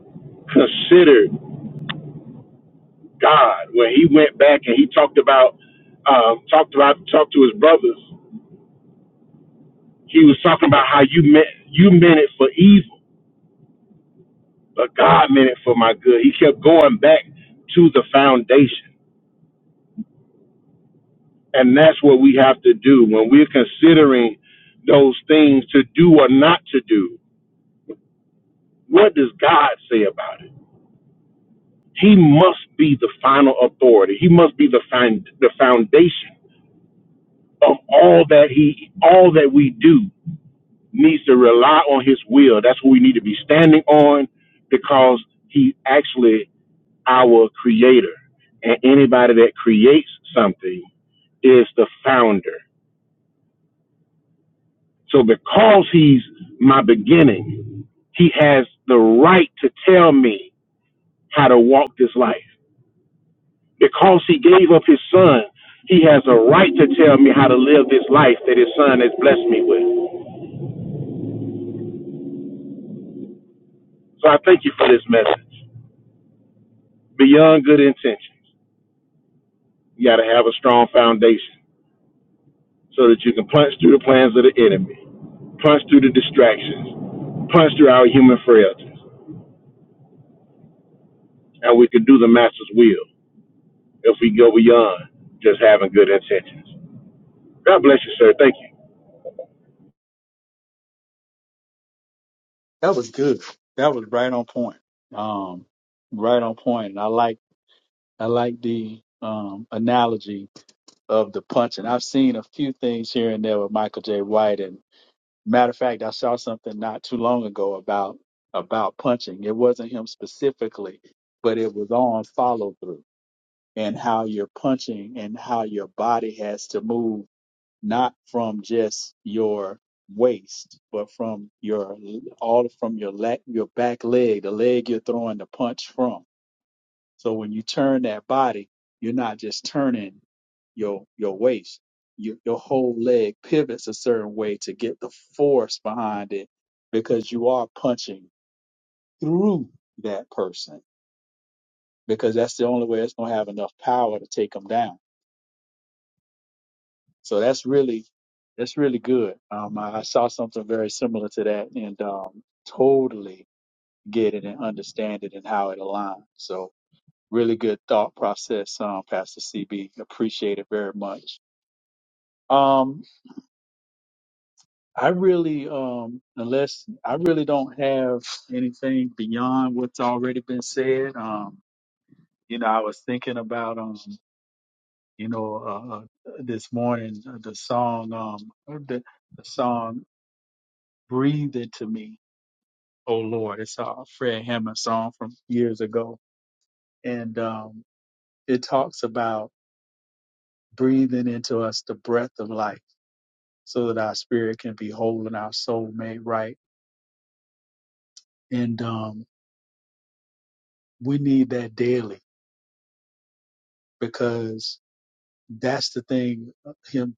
considered. God when he went back and he talked about um, talked about talked to his brothers. He was talking about how you meant you meant it for evil, but God meant it for my good. He kept going back to the foundation, and that's what we have to do when we're considering those things to do or not to do. What does God say about it? He must be the final authority. He must be the fin- the foundation of all that he all that we do needs to rely on his will. That's what we need to be standing on because he's actually our creator. And anybody that creates something is the founder. So because he's my beginning, he has the right to tell me how to walk this life. Because he gave up his son, he has a right to tell me how to live this life that his son has blessed me with. So I thank you for this message. Beyond good intentions, you got to have a strong foundation. so that you can punch through the plans of the enemy, punch through the distractions, punch through our human frailties, and we can do the master's will if we go beyond just having good intentions. God bless you, sir. Thank you.
That was good. That was right on point. Um, right on point. And I like I like the um, analogy of the punch, and I've seen a few things here and there with Michael J. White. And matter of fact, I saw something not too long ago about about punching. It wasn't him specifically, but it was on follow through and how you're punching and how your body has to move, not from just your waist, but from your all from your leg, your back leg, the leg you're throwing the punch from so when you turn that body, you're not just turning your your waist. Your your whole leg pivots a certain way to get the force behind it because you are punching through that person because that's the only way it's gonna have enough power to take them down. So that's really that's really good. Um, I, I saw something very similar to that and um, totally get it and understand it and how it aligns. So Really good thought process, um, Pastor CB. Appreciate it very much. Um, I really, um, unless I really don't have anything beyond what's already been said. Um, you know, I was thinking about, um, you know, uh, uh, this morning uh, the song, um, uh, the, the song "Breathe Into Me." Oh Lord, it's a Fred Hammond song from years ago, and um, it talks about breathing into us the breath of life so that our spirit can be whole and our soul made right. And um, we need that daily because that's the thing. uh, Him,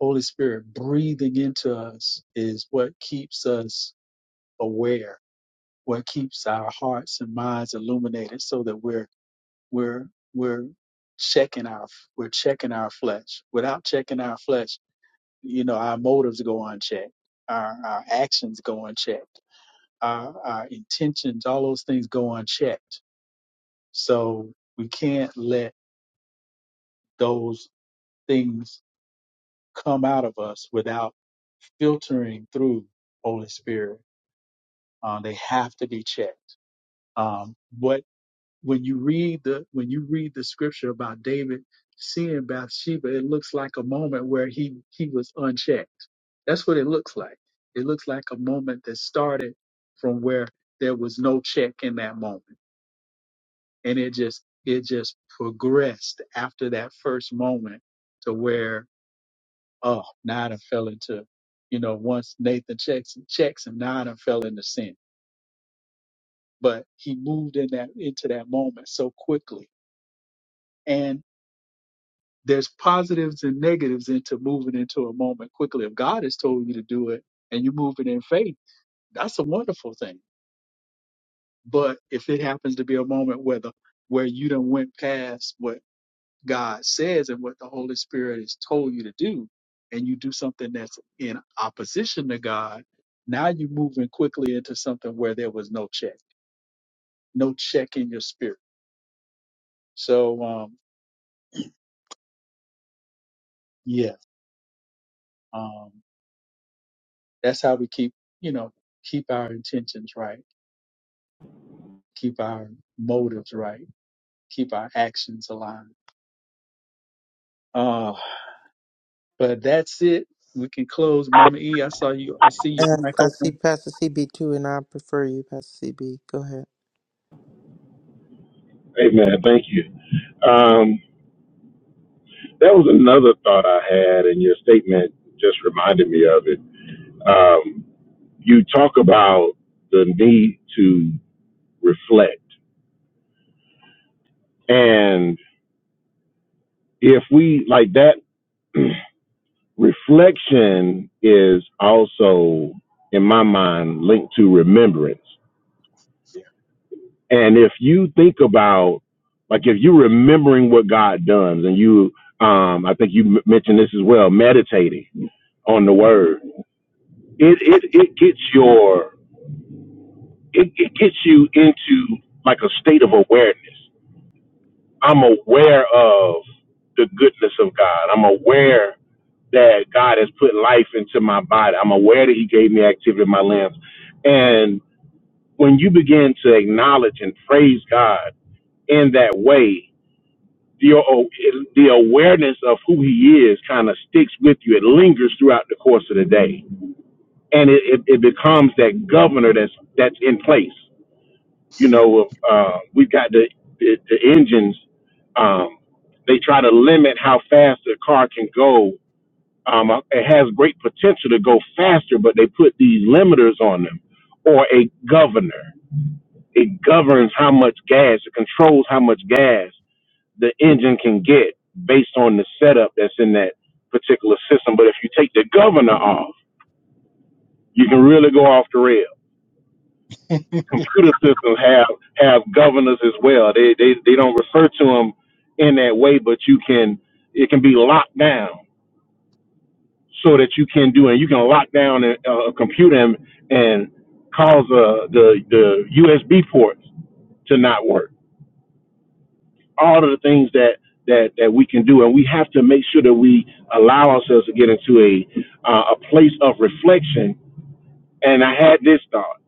Holy Spirit, breathing into us is what keeps us aware, what keeps our hearts and minds illuminated, so that we're we're we're checking our we're checking our flesh. Without checking our flesh, you know, our motives go unchecked, our our actions go unchecked our, our intentions, all those things go unchecked. So we can't let those things come out of us without filtering through Holy Spirit. Uh, they have to be checked. Um, what when you read the when you read the scripture about David seeing Bathsheba, it looks like a moment where he he was unchecked. That's what it looks like. It looks like a moment that started from where there was no check in that moment and it just it just progressed after that first moment to where oh now I done fell into you know once Nathan checks and checks him now I done fell into sin but he moved in that into that moment so quickly and there's positives and negatives into moving into a moment quickly if God has told you to do it and you move it in faith that's a wonderful thing but if it happens to be a moment where the where you done went past what God says and what the Holy Spirit has told you to do, and you do something that's in opposition to God, now you're moving quickly into something where there was no check, no check in your spirit. So, um, yeah, um, that's how we keep, you know, keep our intentions right, keep our motives right, keep our actions aligned. Uh, but that's it. We can close. Mama E, I saw you. I see your
And
mic
I, I see
open.
Pastor CB too, and I prefer you, Pastor CB. Go ahead.
Amen. Thank you. Um, that was another thought I had, and your statement just reminded me of it. Um, you talk about the need to reflect, and if we like that. Reflection is also, in my mind, linked to remembrance. And if you think about, like, if you're remembering what God done, and you, um, I think you m- mentioned this as well, meditating on the Word, it it it gets your it, it gets you into like a state of awareness. I'm aware of the goodness of God. I'm aware that God has put life into my body. I'm aware that He gave me activity in my limbs. And when you begin to acknowledge and praise God in that way, the, the awareness of who He is kind of sticks with you. It lingers throughout the course of the day, and it, it, it becomes that governor that's that's in place. You know, uh, we've got the the, the engines. Um, they try to limit how fast the car can go um, it has great potential to go faster, but they put these limiters on them or a governor. It governs how much gas, it controls how much gas the engine can get based on the setup that's in that particular system. But if you take the governor off, you can really go off the rail. Computer systems have have governors as well. They they, they don't refer to them in that way, but you can it can be locked down so that you can do and you can lock down a, a computer and, and cause uh, the the USB ports to not work. All of the things that that that we can do, and we have to make sure that we allow ourselves to get into a uh, a place of reflection. And I had this thought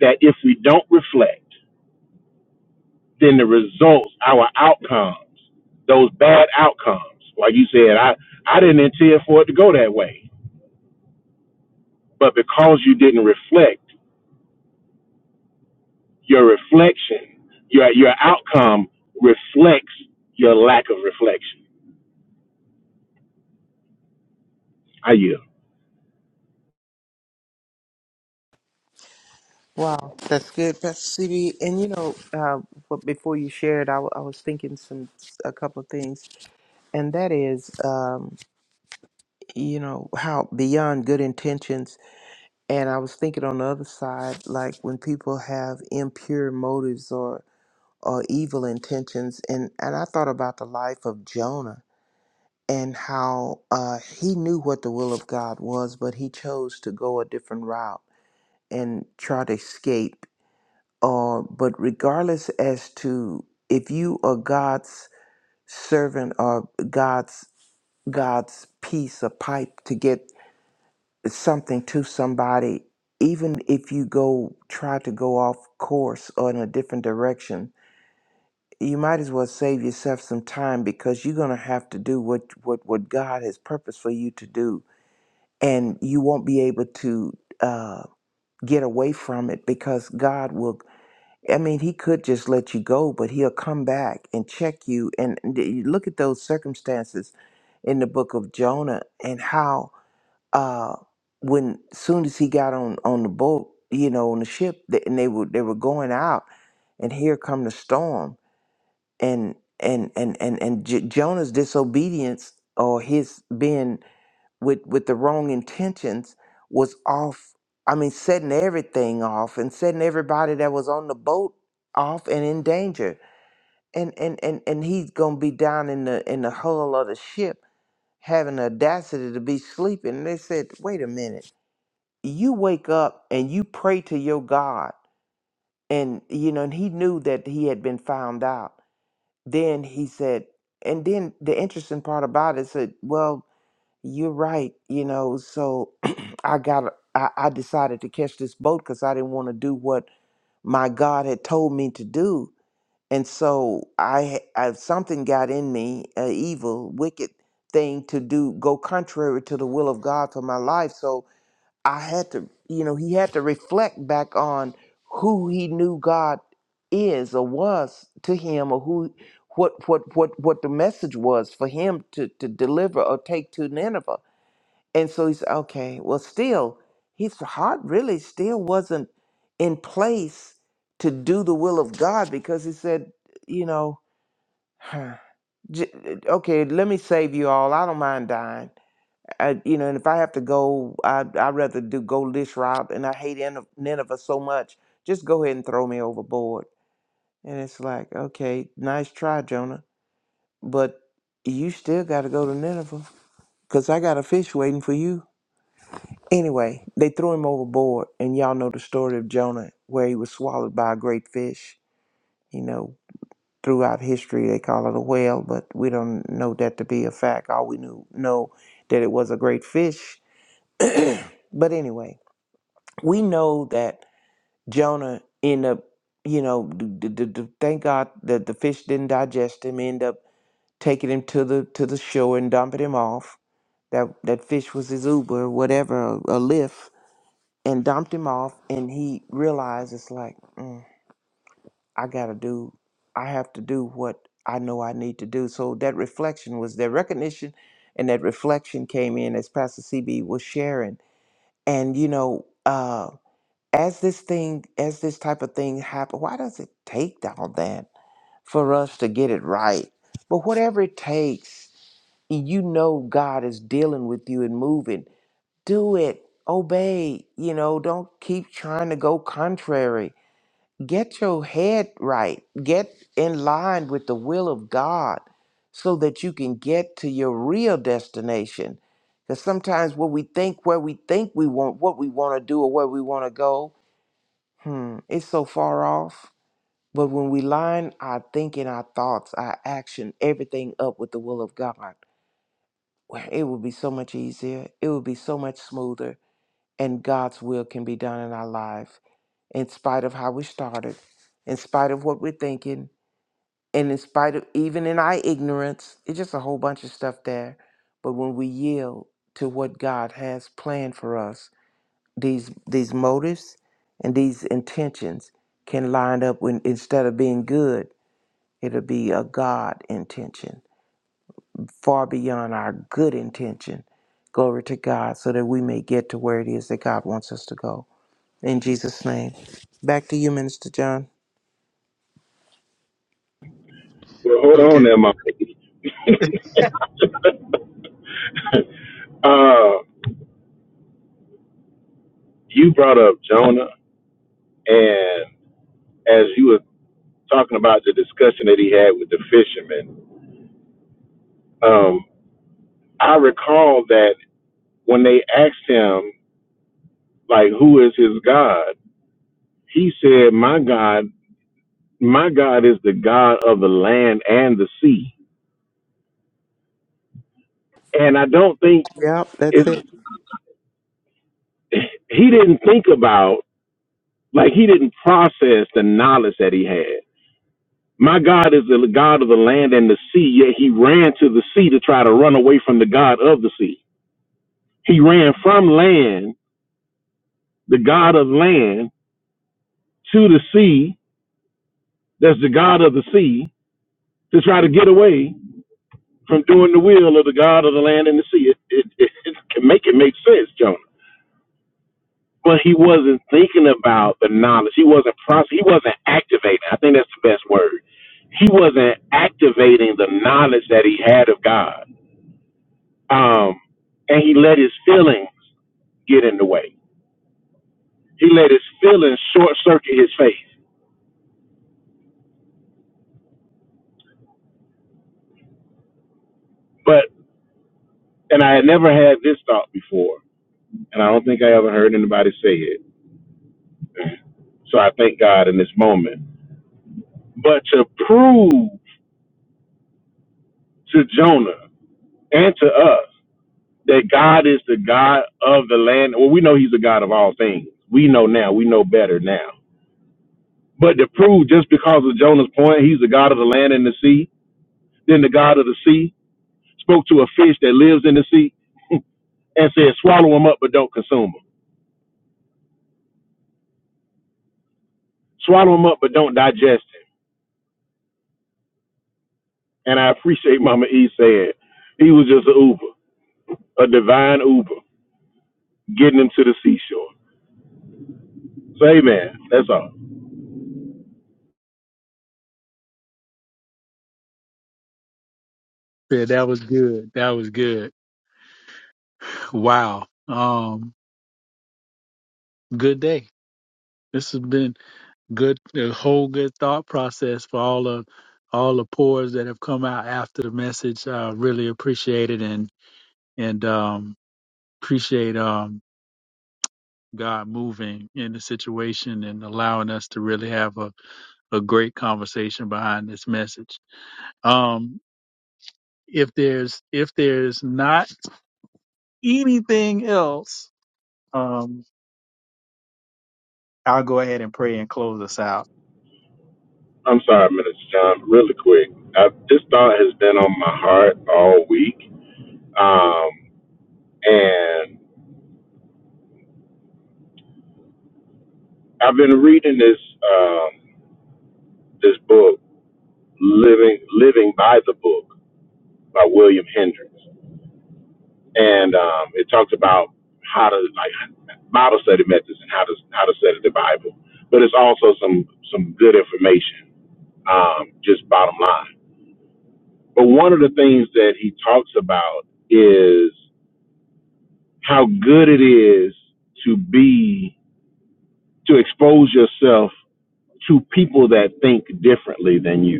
that if we don't reflect, then the results, our outcomes, those bad outcomes, like you said, I I didn't intend for it to go that way, but because you didn't reflect your reflection, your your outcome reflects your lack of reflection. I you.
Wow, that's good, Pastor CB. And you know, uh, but before you shared, I, w- I was thinking some a couple of things and that is um you know how beyond good intentions and i was thinking on the other side like when people have impure motives or or evil intentions and and i thought about the life of jonah and how uh he knew what the will of god was but he chose to go a different route and try to escape Or but regardless as to if you are god's servant or god's god's piece of pipe to get something to somebody, even if you go try to go off course or in a different direction, you might as well save yourself some time because you're gonna have to do what what what God has purposed for you to do, and you won't be able to uh, get away from it because God will. I mean, He could just let you go, but He'll come back and check you. And d- you look at those circumstances in the book of Jonah and how uh when soon as he got on on the boat you know on the ship they, and they were they were going out and here come the storm and and and and and J- jonah's disobedience or his being with with the wrong intentions was off i mean setting everything off and setting everybody that was on the boat off and in danger and and and, and he's gonna be down in the in the hull of the ship having the audacity to be sleeping and they said wait a minute you wake up and you pray to your God. And, you know, and he knew that he had been found out. Then he said, and then the interesting part about it said, well, you're right, you know, so I got, I, I decided to catch this boat because I didn't want to do what my God had told me to do. And so I, I something got in me, a evil, wicked thing to do, go contrary to the will of God for my life. So I had to, you know, he had to reflect back on who he knew God is or was to him, or who, what, what, what, what the message was for him to to deliver or take to Nineveh. And so he said, okay, well, still, his heart really still wasn't in place to do the will of God because he said, you know, J- okay, let me save you all. I don't mind dying. I, you know, and if I have to go, I, I'd rather do go lish rob. And I hate Nin- Nineveh so much. Just go ahead and throw me overboard. And it's like, okay, nice try, Jonah, but you still got to go to Nineveh because I got a fish waiting for you. Anyway, they threw him overboard, and y'all know the story of Jonah, where he was swallowed by a great fish. You know, throughout history they call it a whale, but we don't know that to be a fact. All we knew know that it was a great fish. but anyway. we know that Jonah end up, you know, d- d- d- d- thank God that the fish didn't digest him, end up taking him to the to the shore and dumping him off. That that fish was his Uber, whatever, a, a lift, and dumped him off. And he realized it's like, mm, I gotta do, I have to do what I know I need to do. So that reflection was that recognition, and that reflection came in as Pastor CB was sharing. And you know, uh as this thing as this type of thing happen why does it take all that for us to get it right but whatever it takes you know god is dealing with you and moving do it obey you know don't keep trying to go contrary get your head right get in line with the will of god so that you can get to your real destination because sometimes what we think where we think we want what we want to do or where we want to go Hmm, it's so far off. But when we line our thinking, our thoughts, our action, everything up with the will of God, well, it will be so much easier. It will be so much smoother. And God's will can be done in our life, in spite of how we started, in spite of what we're thinking, and in spite of even in our ignorance. It's just a whole bunch of stuff there. But when we yield to what God has planned for us, these these motives and these intentions can line up when instead of being good it'll be a god intention far beyond our good intention glory to god so that we may get to where it is that god wants us to go in jesus name back to you minister john
Well, hold on
Okay.
there, my lady. Uh, you brought up Jonah, and as you were talking about the discussion that he had with the fishermen, um, I recall that when they asked him, like, who is his God, he said, "My God, my God is the God of the land and the sea." And I don't think
yep that's
it's
it
he didn't think about Like he didn't process the knowledge that he had. My God is the God of the land and the sea, yet he ran to the sea to try to run away from the God of the sea. He ran from land, the God of land, to the sea, that's the God of the sea, to try to get away from doing the will of the God of the land and the sea. It, it, it, it can make it make sense, John. but he wasn't thinking about the knowledge. He wasn't process. He wasn't activating. I think that's the best word. He wasn't activating the knowledge that he had of God. Um, and he let his feelings get in the way. He let his feelings short circuit his faith. But and I had never had this thought before, and I don't think I ever heard anybody say it. So I thank God in this moment. But to prove to Jonah and to us that God is the God of the land. Well, we know He's the God of all things. We know now. We know better now. But to prove just because of Jonah's point, He's the God of the land and the sea, then the God of the sea spoke to a fish that lives in the sea and said, swallow him up, but don't consume him. Swallow him up, but don't digest him. And I appreciate Mama E saying he was just an Uber, a divine Uber, getting him to the seashore. So, amen. That's all.
Yeah, that was good. That was good. Wow. Um, good day. This has been good, a whole good thought process for all the all the pours that have come out after the message. I really appreciate it and and um, appreciate um, God moving in the situation and allowing us to really have a, a great conversation behind this message. Um, if there's if there's not anything else, um, I'll go ahead and pray and close us out.
I'm sorry, Minister John. Really quick, I, this thought has been on my heart all week Um, and I've been reading this um, this book, Living Living by the Book, by William Hendricks, and um, it talks about how to like Bible study methods and how to how to study the Bible. But it's also some some good information, um, just bottom line. But one of the things that he talks about is how good it is to be to expose yourself to people that think differently than you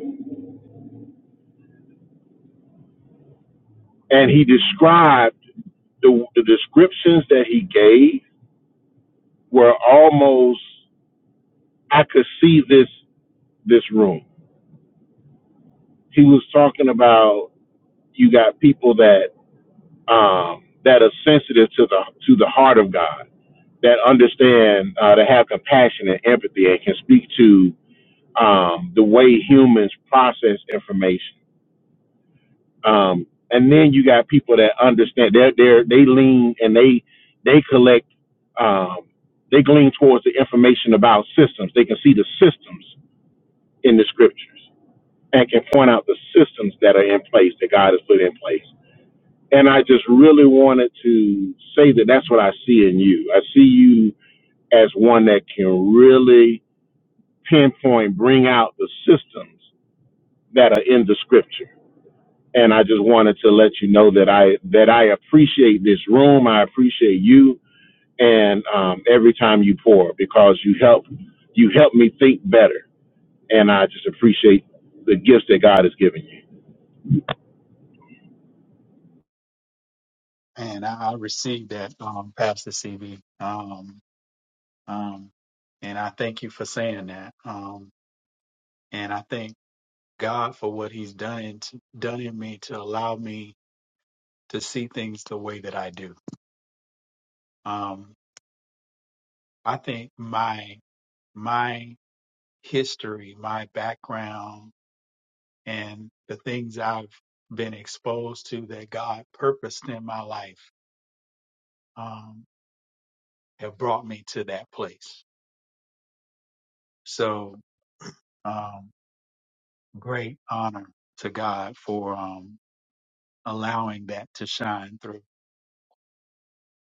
and he described the, the descriptions that he gave were almost I could see this this room. He was talking about you got people that um, that are sensitive to the to the heart of God, that understand, uh, that have compassion and empathy, and can speak to um, the way humans process information Um, and then you got people that understand they're they are they lean and they they collect um, they lean towards the information about systems. They can see the systems in the scriptures and can point out the systems that are in place that God has put in place. And I just really wanted to say that that's what I see in you. I see you as one that can really pinpoint, bring out the systems that are in the scripture and I just wanted to let you know that I that I appreciate this room. I appreciate you, and um, every time you pour, because you help you help me think better, and I just appreciate the gifts that God has given you.
And I, I received that, um, Pastor CB. Um, um, and I thank you for saying that. Um, and I thank God for what He's done in, done in me to allow me to see things the way that I do. Um, I think my my history, my background, and the things I've been exposed to that God purposed in my life um, have brought me to that place. So. Um, great honor to God for um, allowing that to shine through.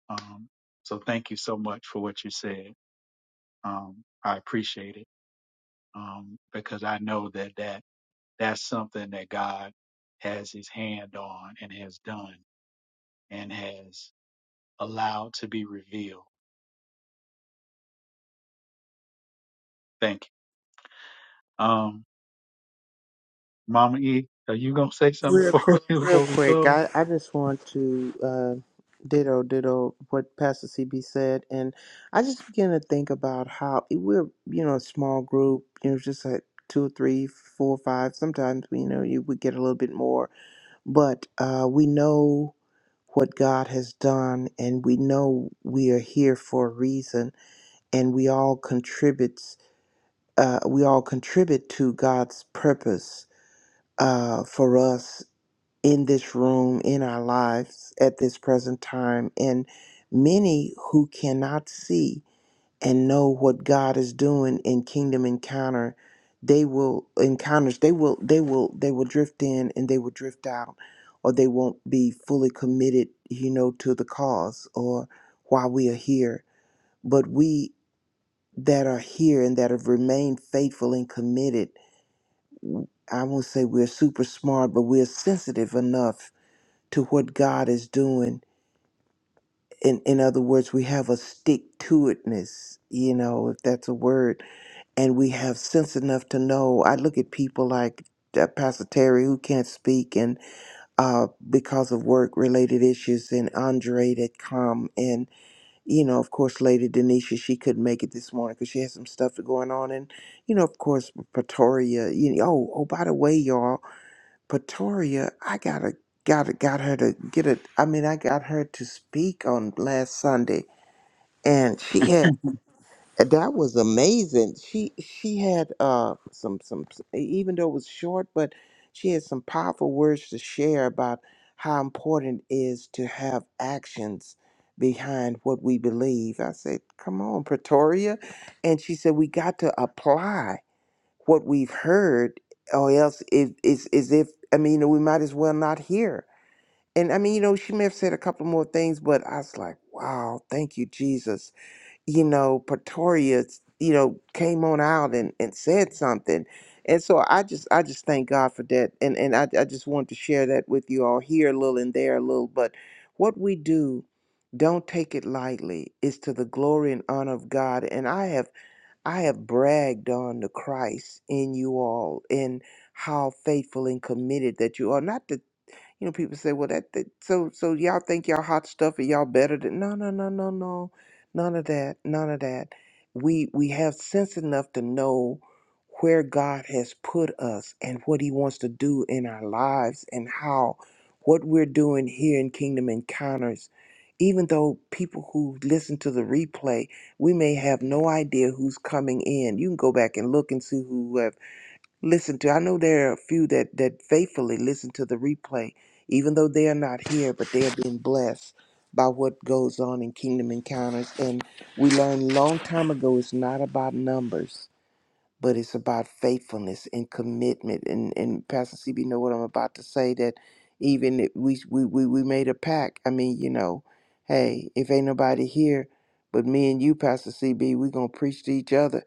Um, so thank you so much for what you said. Um, I appreciate it um, because I know that, that that's something that God has his hand on and has done and has allowed to be revealed. Thank you. Um, Mama E, are you going to say something
Real
before
quick,
we,
real
before we
quick.
close?
I, I just want to uh, ditto ditto what Pastor CB said, and I just began to think about how eh, we're you know a small group, you know, just like two, three, four, five. Sometimes we you know you would get a little bit more, but uh, we know what God has done, and we know we are here for a reason, and we all contributes. Uh, we all contribute to God's purpose uh, for us in this room, in our lives at this present time, and many who cannot see and know what God is doing in Kingdom Encounter, they will encounters they will they will they will drift in and they will drift out, or they won't be fully committed, you know, to the cause or why we are here. But we that are here and that have remained faithful and committed, I won't say we're super smart, but we're sensitive enough to what God is doing. In, in other words, we have a stick to itness, you know, if that's a word, and we have sense enough to know. I look at people like uh, Pastor Terry, who can't speak, and uh, because of work related issues, and Andre that come, and you know, of course, Lady Denisha, she couldn't make it this morning because she had some stuff going on, and you know, of course, Pretoria. You know, oh, oh, by the way, y'all. Pretoria, I gotta gotta got her to get it. I mean, I got her to speak on last Sunday, and she had that was amazing. She she had uh some some even though it was short, but she had some powerful words to share about how important it is to have actions behind what we believe. I said, "Come on, Pretoria," and she said, "We got to apply." what we've heard, or else it is is if I mean, you know, we might as well not hear. And I mean, you know, she may have said a couple more things, but I was like, wow, thank you, Jesus. You know, Pretoria, you know, came on out and, and said something. And so I just I just thank God for that. And and I, I just wanted to share that with you all here a little and there a little. But what we do, don't take it lightly, is to the glory and honor of God. And I have I have bragged on the Christ in you all and how faithful and committed that you are. Not to you know, people say, well, that, that so so y'all think y'all hot stuff and y'all better than no no no no no, none of that none of that. We we have sense enough to know where God has put us and what He wants to do in our lives and how what we're doing here in Kingdom Encounters. Even though people who listen to the replay, we may have no idea who's coming in. You can go back and look and see who have listen to. I know there are a few that that faithfully listen to the replay, even though they are not here, but they are being blessed by what goes on in Kingdom Encounters. And we learned long time ago it's not about numbers, but it's about faithfulness and commitment. And and Pastor CB know what I'm about to say that even if we we we, we made a pact. I mean, you know, hey, if ain't nobody here but me and you, Pastor CB, we gonna preach to each other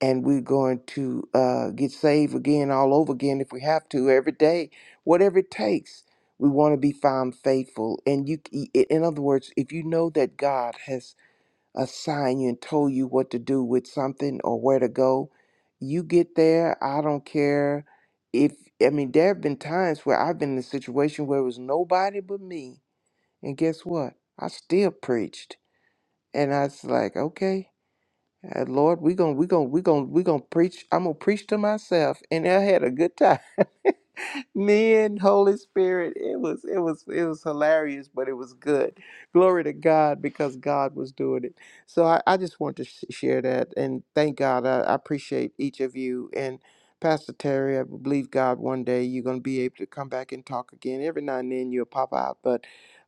and we're going to uh, get saved again all over again if we have to every day whatever it takes we want to be found faithful and you i- i- in other words if you know that god has assigned you and told you what to do with something or where to go you get there i don't care if i mean there have been times where i've been in a situation where it was nobody but me and guess what i still preached and i was like okay and Lord, we gonna we gonna we gonna we gonna preach. I'm gonna preach to myself, and I had a good time. Me and Holy Spirit, it was it was it was hilarious, but it was good. Glory to God because God was doing it. So I, I just want to sh- share that, and thank God. I, I appreciate each of you and Pastor Terry. I believe God one day you're gonna be able to come back and talk again. Every now and then you'll pop out, but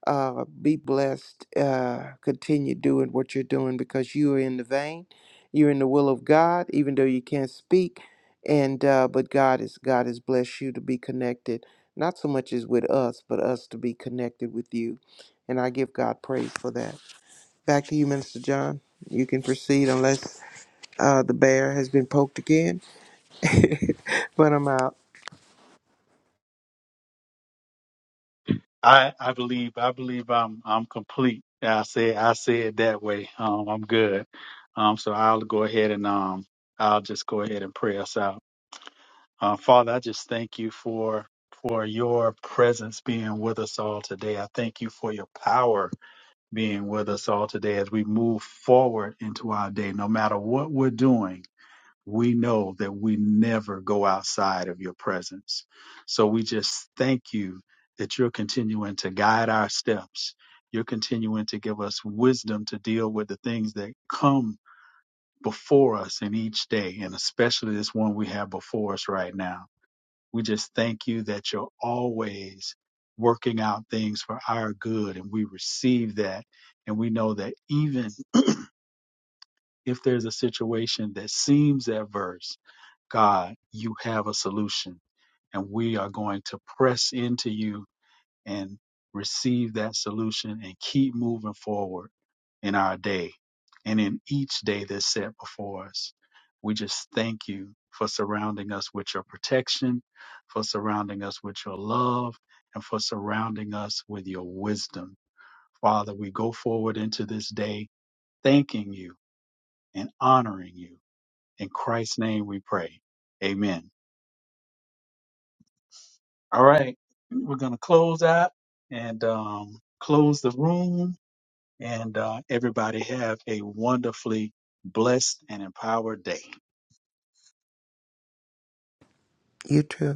uh, be blessed. Uh, continue doing what you're doing because you are in the vein you're in the will of God, even though you can't speak. And uh, but God is God has blessed you to be connected, not so much as with us, but us to be connected with you. And I give God praise for that. Back to you, Minister John. You can proceed unless uh, the bear has been poked again. but I'm out.
I I believe I believe I'm I'm complete. I say I say it that way. Um, I'm good. Um, so I'll go ahead and um I'll just go ahead and pray us out. Uh, Father, I just thank you for for your presence being with us all today. I thank you for your power being with us all today as we move forward into our day. No matter what we're doing, we know that we never go outside of your presence. So we just thank you that you're continuing to guide our steps. You're continuing to give us wisdom to deal with the things that come before us in each day, and especially this one we have before us right now. We just thank you that you're always working out things for our good, and we receive that. And we know that even if there's a situation that seems adverse, God, you have a solution. And we are going to press into you and receive that solution and keep moving forward in our day and in each day that's set before us. We just thank you for surrounding us with your protection, for surrounding us with your love, and for surrounding us with your wisdom. Father, we go forward into this day thanking you and honoring you. In Christ's name we pray. Amen. All right. We're going to close out and um, close the room. And uh, everybody have a wonderfully blessed and empowered day.
You too.